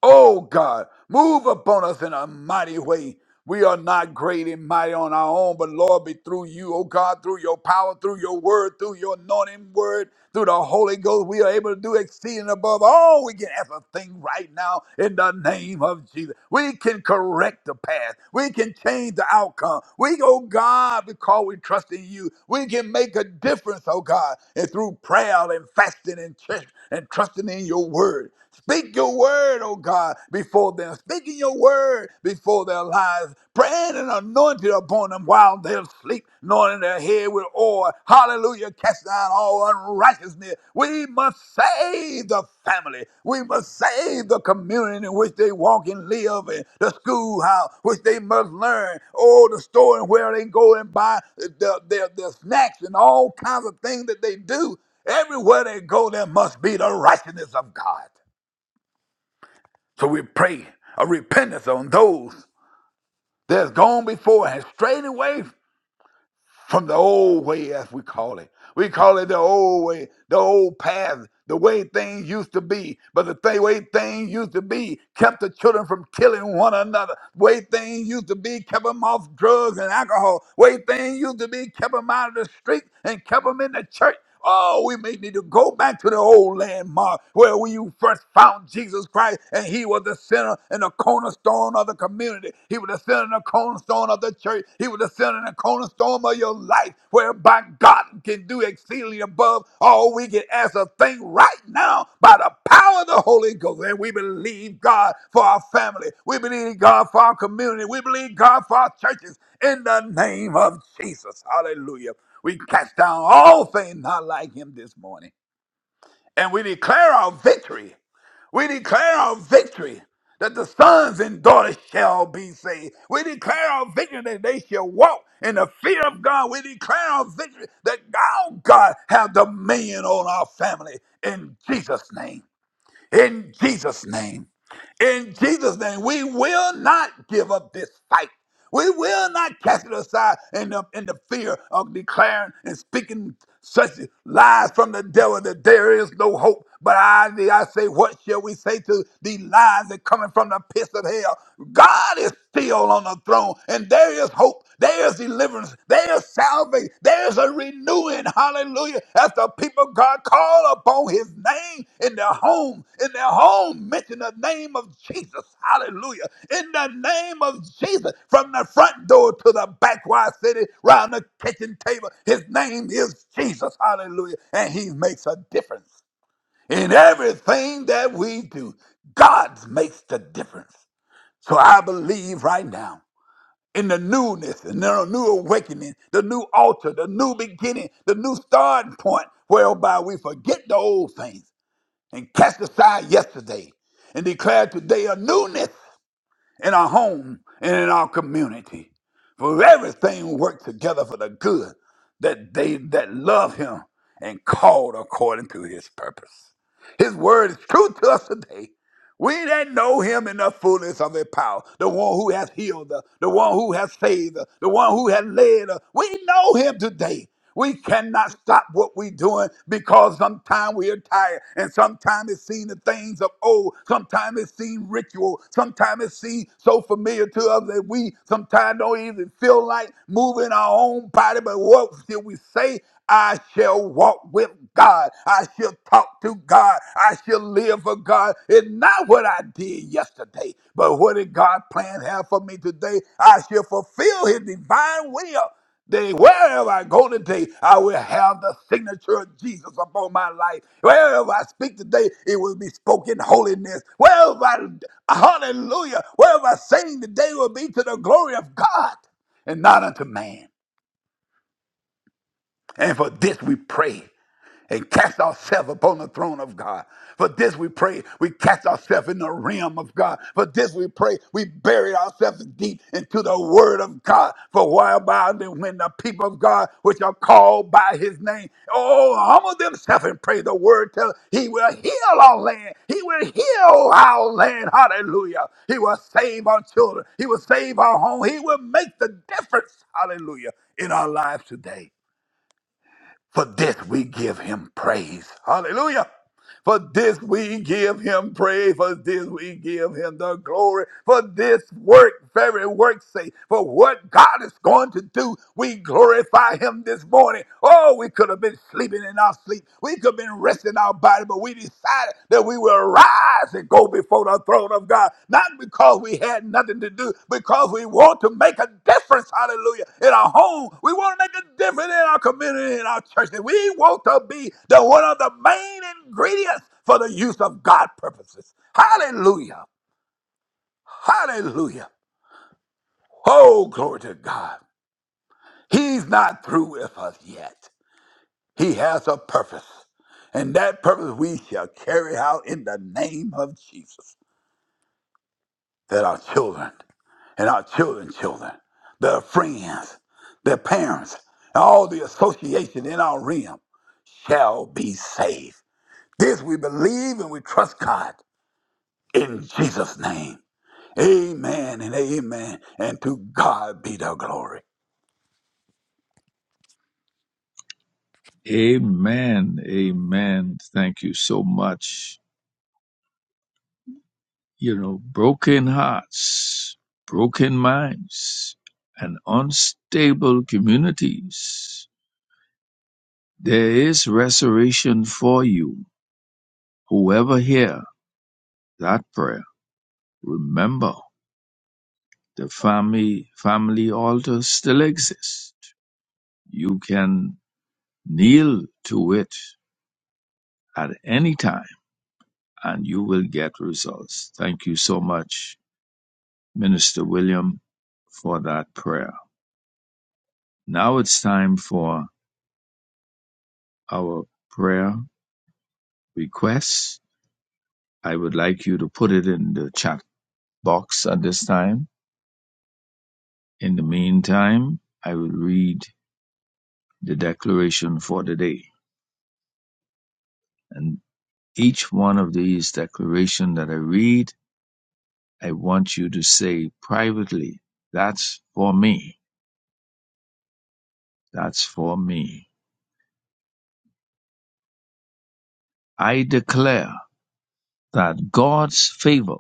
Speaker 6: Oh God, move upon us in a mighty way. We are not great and mighty on our own, but Lord, be through you, oh God, through your power, through your word, through your anointing word, through the Holy Ghost, we are able to do exceeding above all we can ever think right now in the name of Jesus. We can correct the path. We can change the outcome. We, oh God, because we trust in you, we can make a difference, oh God, and through prayer and fasting and, tr- and trusting in your word. Speak your word, oh God, before them. Speaking your word before their lives. Praying and anointed upon them while they sleep, anointing their head with oil. Hallelujah. Cast down all unrighteousness. We must save the family. We must save the community in which they walk and live in, the schoolhouse, which they must learn. Oh, the store and where they go and buy their, their, their snacks and all kinds of things that they do. Everywhere they go, there must be the righteousness of God. So we pray a repentance on those that has gone before and strayed away from the old way, as we call it. We call it the old way, the old path, the way things used to be. But the thing, way things used to be kept the children from killing one another. Way things used to be kept them off drugs and alcohol. Way things used to be kept them out of the street and kept them in the church. Oh, we may need to go back to the old landmark where we you first found Jesus Christ, and He was the center and the cornerstone of the community. He was the center and the cornerstone of the church. He was the center and the cornerstone of your life, whereby God can do exceedingly above all we can ask a thing right now by the power of the Holy Ghost. And we believe God for our family. We believe God for our community. We believe God for our churches in the name of Jesus. Hallelujah. We cast down all things not like him this morning. And we declare our victory. We declare our victory that the sons and daughters shall be saved. We declare our victory that they shall walk in the fear of God. We declare our victory that our God have dominion on our family in Jesus' name in Jesus' name. In Jesus' name, we will not give up this fight. We will not cast it aside in the, in the fear of declaring and speaking such lies from the devil that there is no hope. But I, I say, what shall we say to the lies that coming from the pits of hell? God is still on the throne, and there is hope there's deliverance. There's salvation. There's a renewing. Hallelujah. As the people of God call upon his name in their home, in their home, mention the name of Jesus. Hallelujah. In the name of Jesus, from the front door to the backward city, round the kitchen table, his name is Jesus. Hallelujah. And he makes a difference in everything that we do. God makes the difference. So I believe right now in the newness and the new awakening, the new altar, the new beginning, the new starting point, whereby we forget the old things and cast aside yesterday and declare today a newness in our home and in our community. For everything works together for the good that they that love him and called according to his purpose. His word is true to us today we didn't know him in the fullness of his power. The one who has healed us, the one who has saved us, the one who has led us. We know him today. We cannot stop what we're doing because sometimes we are tired and sometimes it seems the things of old. Sometimes it seems ritual. Sometimes it seems so familiar to us that we sometimes don't even feel like moving our own body. But what did we say? I shall walk with God. I shall talk to God. I shall live for God. It's not what I did yesterday, but what did God plan have for me today? I shall fulfill his divine will. Day, wherever I go today, I will have the signature of Jesus upon my life. Wherever I speak today, it will be spoken holiness. Wherever I, hallelujah, wherever I sing today will be to the glory of God and not unto man. And for this we pray and cast ourselves upon the throne of God. For this we pray, we cast ourselves in the realm of God. For this we pray, we bury ourselves deep into the word of God. For while by them, when the people of God, which are called by his name, oh, humble themselves and pray the word, tell he will heal our land. He will heal our land. Hallelujah. He will save our children. He will save our home. He will make the difference. Hallelujah. In our lives today. For this we give him praise. Hallelujah. For this we give him praise. For this we give him the glory. For this work, very work sake, for what God is going to do, we glorify him this morning. Oh, we could have been sleeping in our sleep. We could have been resting our body, but we decided that we will rise eyes and go before the throne of God. Not because we had nothing to do, because we want to make a difference, hallelujah, in our home. We want to make a difference in our community, in our church. And we want to be the one of the main ingredients for the use of God purposes. Hallelujah. Hallelujah. Oh, glory to God. He's not through with us yet. He has a purpose. And that purpose we shall carry out in the name of Jesus. that our children and our children's children, their friends, their parents, and all the association in our realm shall be saved. This we believe and we trust God in Jesus' name. Amen and amen. And to God be the glory.
Speaker 2: Amen. Amen. Thank you so much. You know, broken hearts, broken minds, and unstable communities. There is restoration for you Whoever hear that prayer, remember the family family altar still exists. You can kneel to it at any time and you will get results. Thank you so much, Minister William, for that prayer. Now it's time for our prayer requests. I would like you to put it in the chat box at this time. In the meantime, I will read the declaration for the day. And each one of these declaration that I read, I want you to say privately, that's for me. That's for me. I declare that God's favor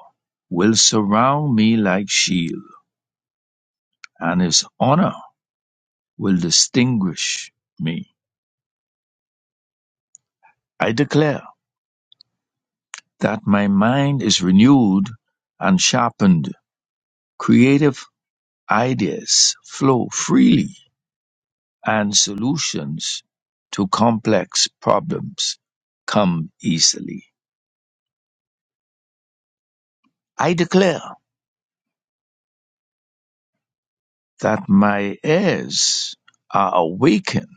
Speaker 2: will surround me like shield and his honor will distinguish me. I declare that my mind is renewed and sharpened. Creative ideas flow freely And solutions to complex problems come easily. I declare that my ears are awakened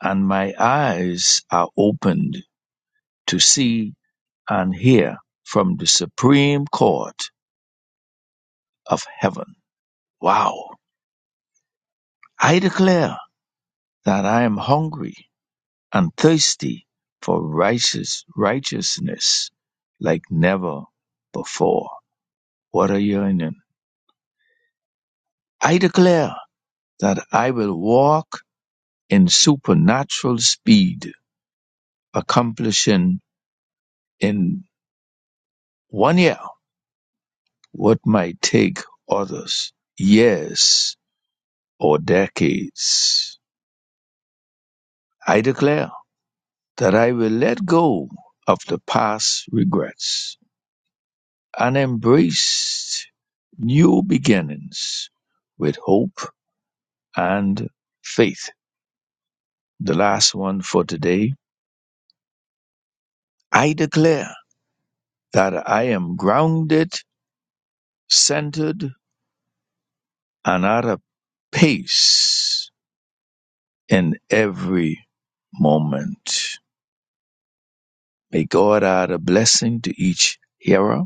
Speaker 2: and my eyes are opened to see and hear from the Supreme Court of Heaven. Wow. I declare that I am hungry and thirsty for righteous righteousness like never before. What a yearning. I declare that I will walk in supernatural speed, accomplishing in one year what might take others years or decades. I declare that I will let go of the past regrets and embrace new beginnings with hope and faith. The last one for today. I declare that I am grounded, centered, and out of peace in every moment. May God add a blessing to each hearer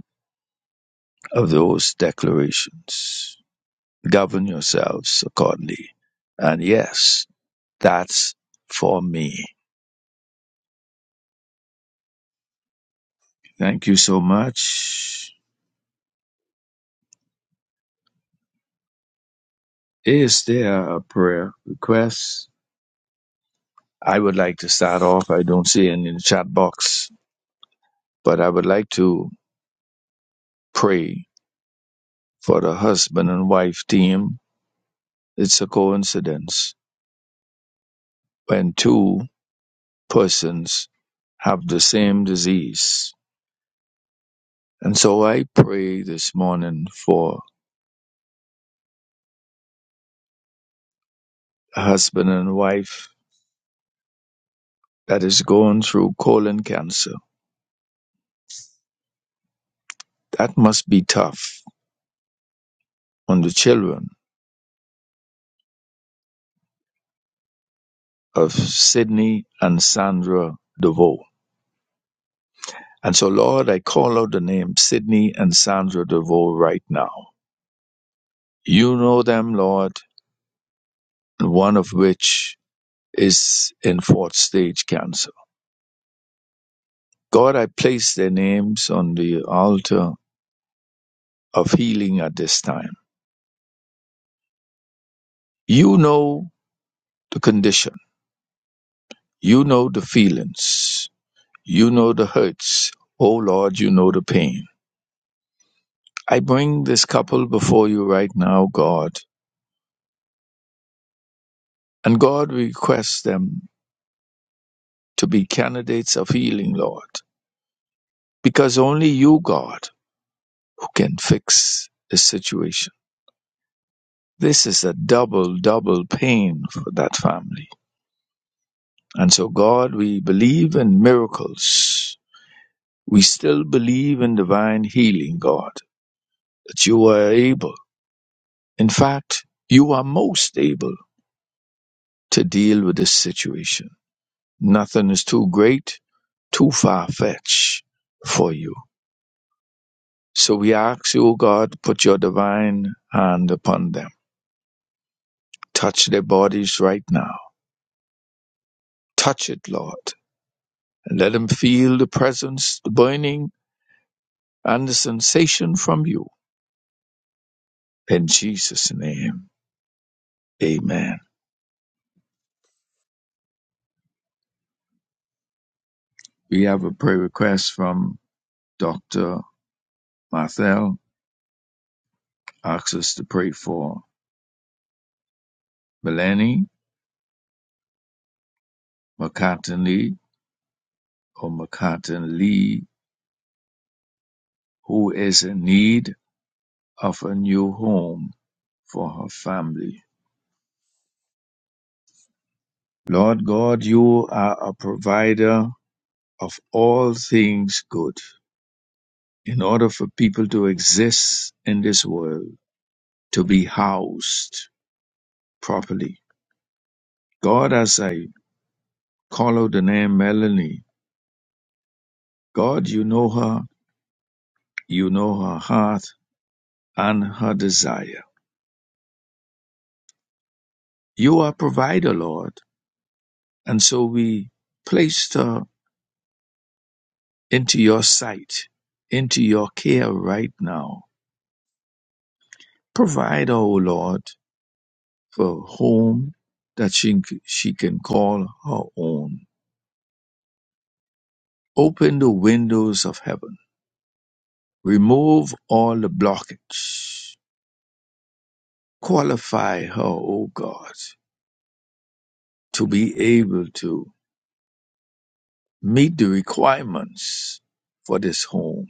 Speaker 2: of those declarations. Govern yourselves accordingly. And yes, that's for me. Thank you so much. Is there a prayer request? I would like to start off. I don't see any in the chat box, but I would like to pray for the husband and wife team It's a coincidence when two persons have the same disease. And so I pray this morning for a husband and wife that is going through colon cancer. That must be tough on the children of Sydney and Sandra DeVoe. And so, Lord, I call out the name Sydney and Sandra DeVoe right now. You know them, Lord, one of which is in fourth stage cancer. God, I place their names on the altar of healing at this time. You know the condition. You know the feelings. You know the hurts. Oh Lord, you know the pain. I bring this couple before you right now, God. And God requests them to be candidates of healing, Lord. Because only you, God, who can fix this situation. This is a double, double pain for that family. And so, God, we believe in miracles. We still believe in divine healing, God, that you are able. In fact, you are most able to deal with this situation. Nothing is too great, too far fetched for you. So we ask you, O God, put your divine hand upon them. Touch their bodies right now. Touch it, Lord, and let them feel the presence, the burning, and the sensation from you. In Jesus' name. Amen. We have a prayer request from Dr. Marthel. Asks us to pray for Melanie McCartan Lee or McCartan Lee, who is in need of a new home for her family. Lord God, you are a provider of all things good. In order for people to exist in this world, to be housed properly. God, as I call out the name Melanie, God, you know her You know her heart and her desire. You are provider, Lord. And so we placed her into your sight, into your care right now. Provide her, O Lord, for a home that she, she can call her own. Open the windows of heaven. Remove all the blockage. Qualify her, O God, to be able to meet the requirements for this home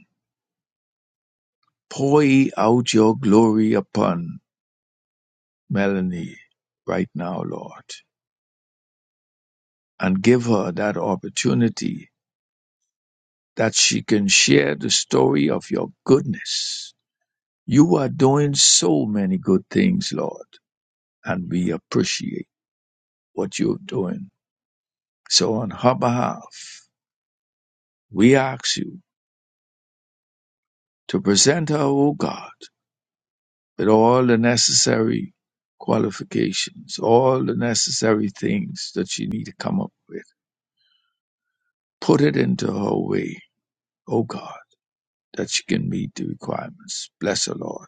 Speaker 2: Pour out your glory upon Melanie right now, Lord, and give her that opportunity that she can share the story of your goodness. You are doing so many good things, Lord, and we appreciate what you're doing. So on her behalf, we ask you to present her, O God, with all the necessary qualifications, all the necessary things that she need to come up with Put it into her way, O God, that she can meet the requirements. Bless her, Lord.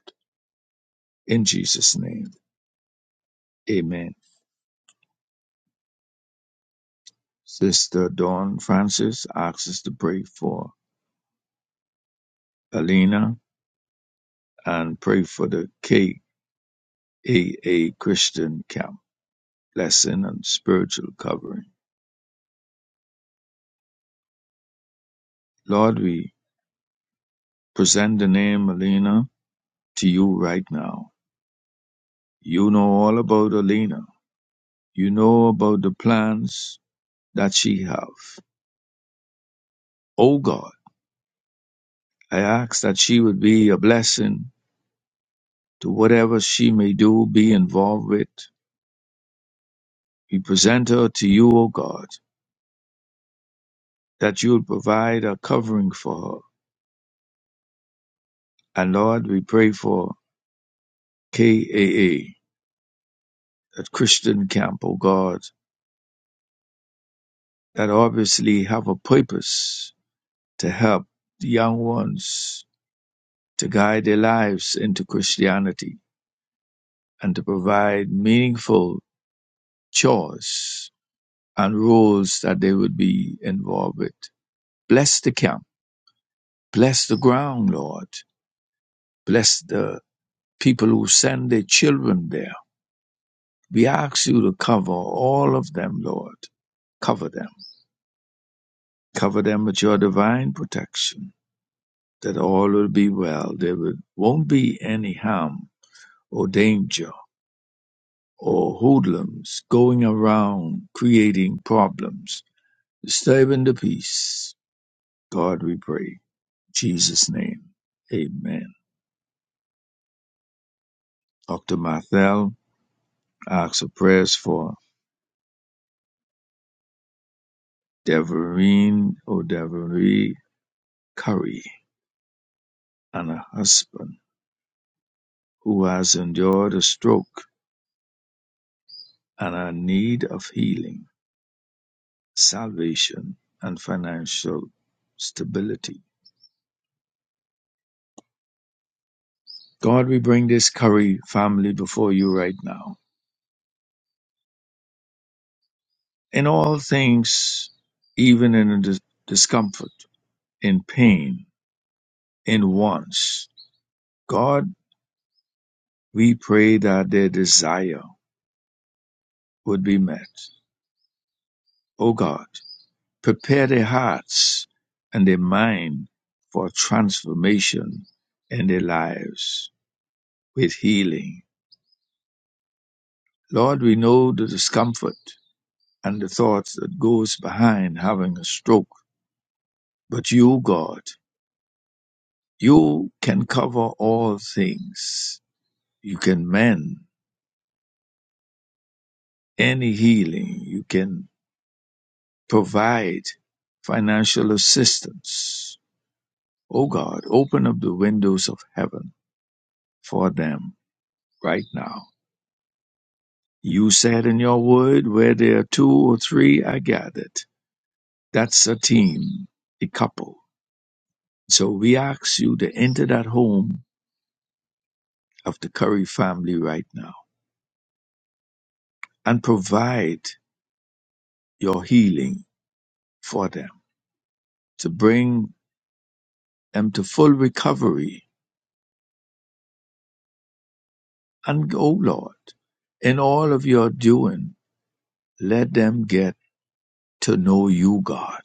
Speaker 2: In Jesus' name, amen. Sister Dawn Francis asks us to pray for Alina and pray for the KAA Christian Camp. Blessing and spiritual covering. Lord, we present the name Alina to you right now. You know all about Alina. You know about the plans that she have. O God. I ask that she would be a blessing to whatever she may do, be involved with. We present her to you, O God, that you would provide a covering for her. And Lord, we pray for KAA, that Christian camp, O God, that obviously have a purpose to help the young ones to guide their lives into Christianity and to provide meaningful chores and roles that they would be involved with. Bless the camp Bless the ground, Lord. Bless the people who send their children there. We ask you to cover all of them, Lord. Cover them. Cover them with your divine protection, that all will be well. There will, won't be any harm or danger or hoodlums going around creating problems, disturbing the peace. God, we pray. In Jesus' name. Amen. Dr. Marthel asks for prayers for Devereen O'Devry Curry and her husband, who has endured a stroke and are in need of healing, salvation, and financial stability. God, we bring this Curry family before you right now. In all things, even in dis- discomfort, in pain, in wants, God, we pray that their desire would be met. O God, prepare their hearts and their mind for transformation in their lives with healing. Lord, we know the discomfort and the thoughts that goes behind having a stroke, but you, God, you can cover all things. You can mend any healing. You can provide financial assistance. Oh God, open up the windows of heaven for them right now You said in your word, where there are two or three are gathered. That's a team, a couple. So we ask you to enter that home of the Curry family right now and provide your healing for them to bring them to full recovery. And oh Lord, in all of your doing, let them get to know you, God,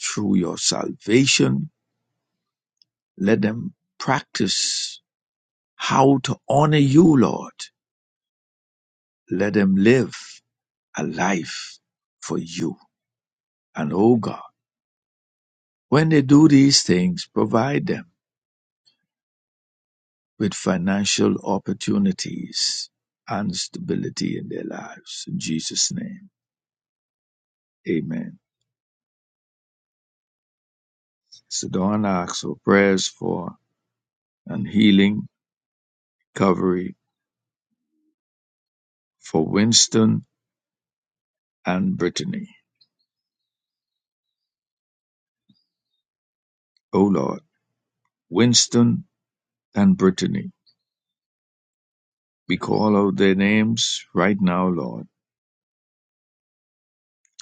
Speaker 2: through your salvation. Let them practice how to honor you, Lord Let them live a life for you. And oh God, when they do these things, provide them with financial opportunities and stability in their lives. In Jesus' name, amen. So Dawn asks for prayers for and healing, recovery for Winston and Brittany. Oh Lord, Winston and Brittany, we call out their names right now, Lord.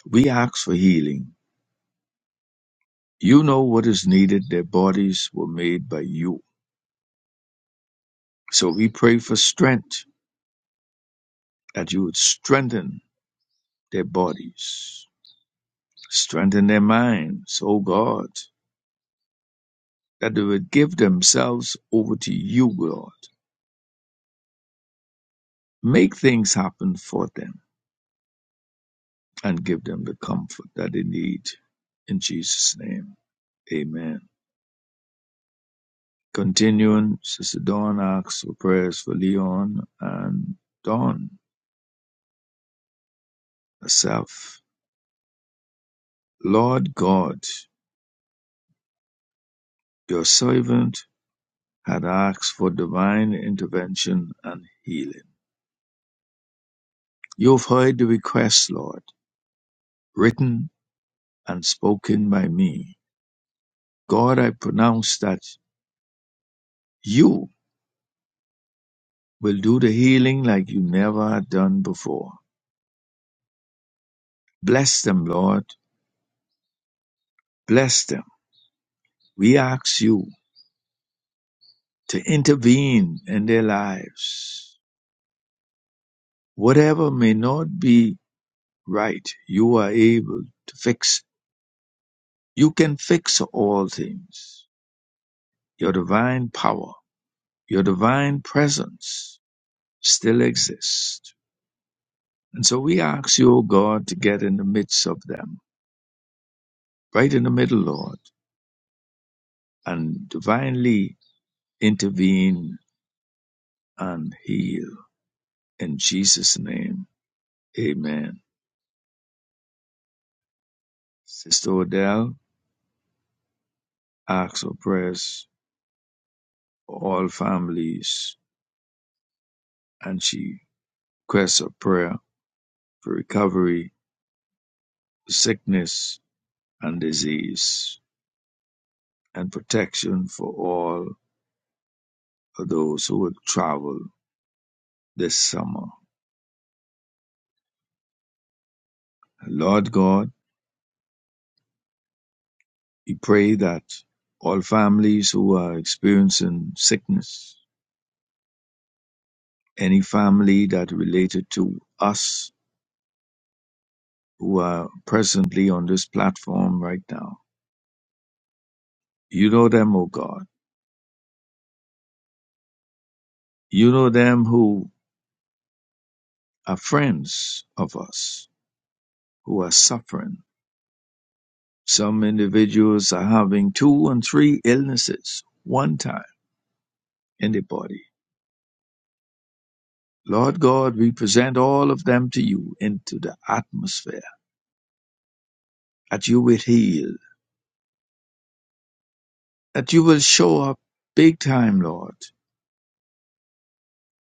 Speaker 2: We ask for healing You know what is needed. Their bodies were made by you. So we pray for strength, that you would strengthen their bodies, strengthen their minds, O God, that they would give themselves over to you, Lord. Make things happen for them and give them the comfort that they need. In Jesus' name, amen. Continuing, Sister Dawn asks for prayers for Leon and Dawn herself. Lord God, Your servant had asked for divine intervention and healing. You have heard the request, Lord, written and spoken by me. God, I pronounce that you will do the healing like you never had done before. Bless them, Lord. Bless them. We ask you to intervene in their lives. Whatever may not be right, you are able to fix. You can fix all things. Your divine power, your divine presence still exists. And so we ask you, O God, to get in the midst of them, right in the middle, Lord, and divinely intervene and heal. In Jesus' name, amen. Sister Odell asks for prayers for all families, and she requests a prayer for recovery, for sickness, and disease, and protection for all those who would travel this summer. Lord God, we pray that all families who are experiencing sickness, any family that related to us who are presently on this platform right now, you know them, O God. You know them who are friends of us, who are suffering. Some individuals are having two and three illnesses one time in the body Lord God, we present all of them to you into the atmosphere that you will heal, that you will show up big time, Lord,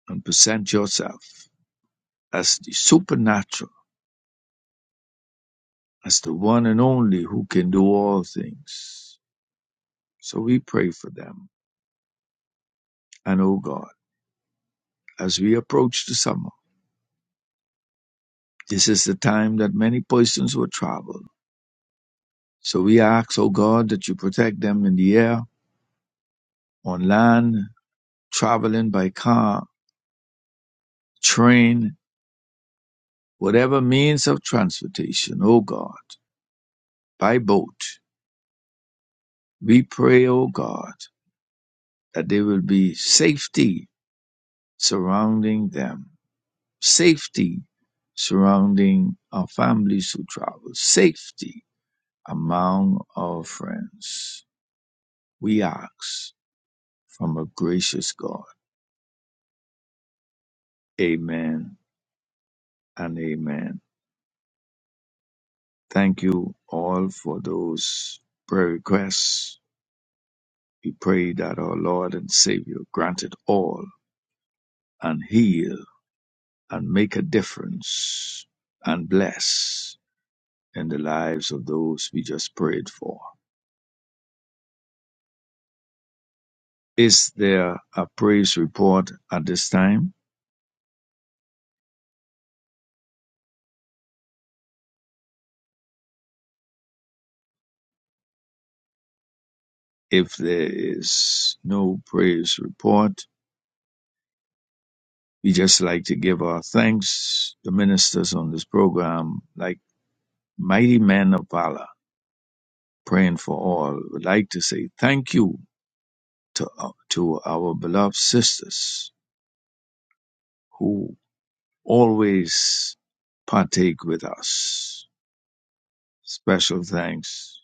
Speaker 2: and present yourself as the supernatural, as the one and only who can do all things. So we pray for them. And oh God, as we approach the summer, this is the time that many persons will travel. So we ask, oh God, that you protect them in the air, on land, traveling by car, train, whatever means of transportation, O God, by boat. We pray, O God, that there will be safety surrounding them, safety surrounding our families who travel, safety among our friends. We ask from a gracious God. Amen and amen. Thank you all for those prayer requests. We pray that our Lord and Savior granted all and heal and make a difference and bless in the lives of those we just prayed for. Is there a praise report at this time? If there is no praise report, we just like to give our thanks. The ministers on this program, like mighty men of valor, praying for all, would like to say thank you to, uh, to our beloved sisters who. always partake with us. Special thanks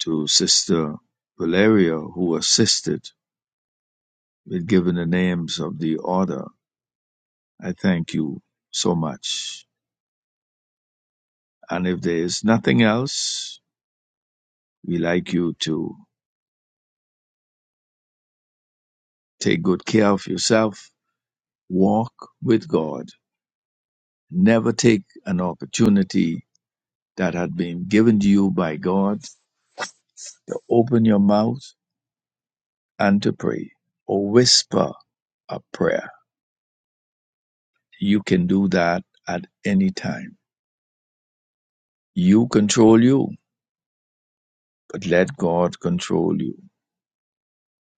Speaker 2: to Sister Valeria, who assisted with giving the names of the order. I thank you so much. And if there is nothing else, we like you to take good care of yourself, walk with God, never take an opportunity that had been given to you by God to open your mouth and to pray or whisper a prayer You can do that at any time. You control you, but let God control you.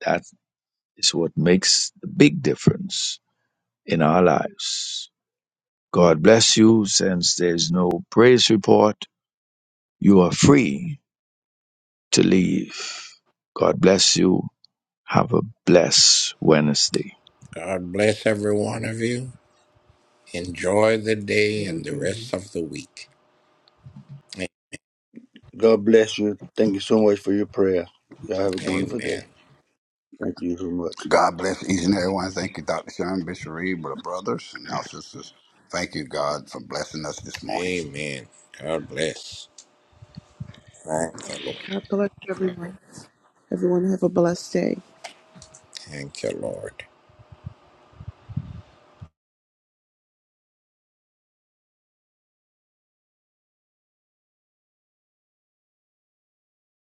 Speaker 2: That is what makes the big difference in our lives. God bless you. Since there's no praise report, you are free to leave. God bless you. Have a blessed Wednesday.
Speaker 4: God bless every one of you. Enjoy the day and the rest of the week.
Speaker 5: God bless you. Thank you so much for your prayer. Y'all have a wonderful
Speaker 4: Amen.
Speaker 5: day. Thank you so much.
Speaker 6: God bless each and every one. Thank you, Dr. Sharon Bishop Reed, brother brothers and our sisters. Thank you, God, for blessing us this morning.
Speaker 4: Amen. God bless. Thank the Lord.
Speaker 7: God bless everyone. Everyone have a blessed day.
Speaker 4: Thank you, Lord.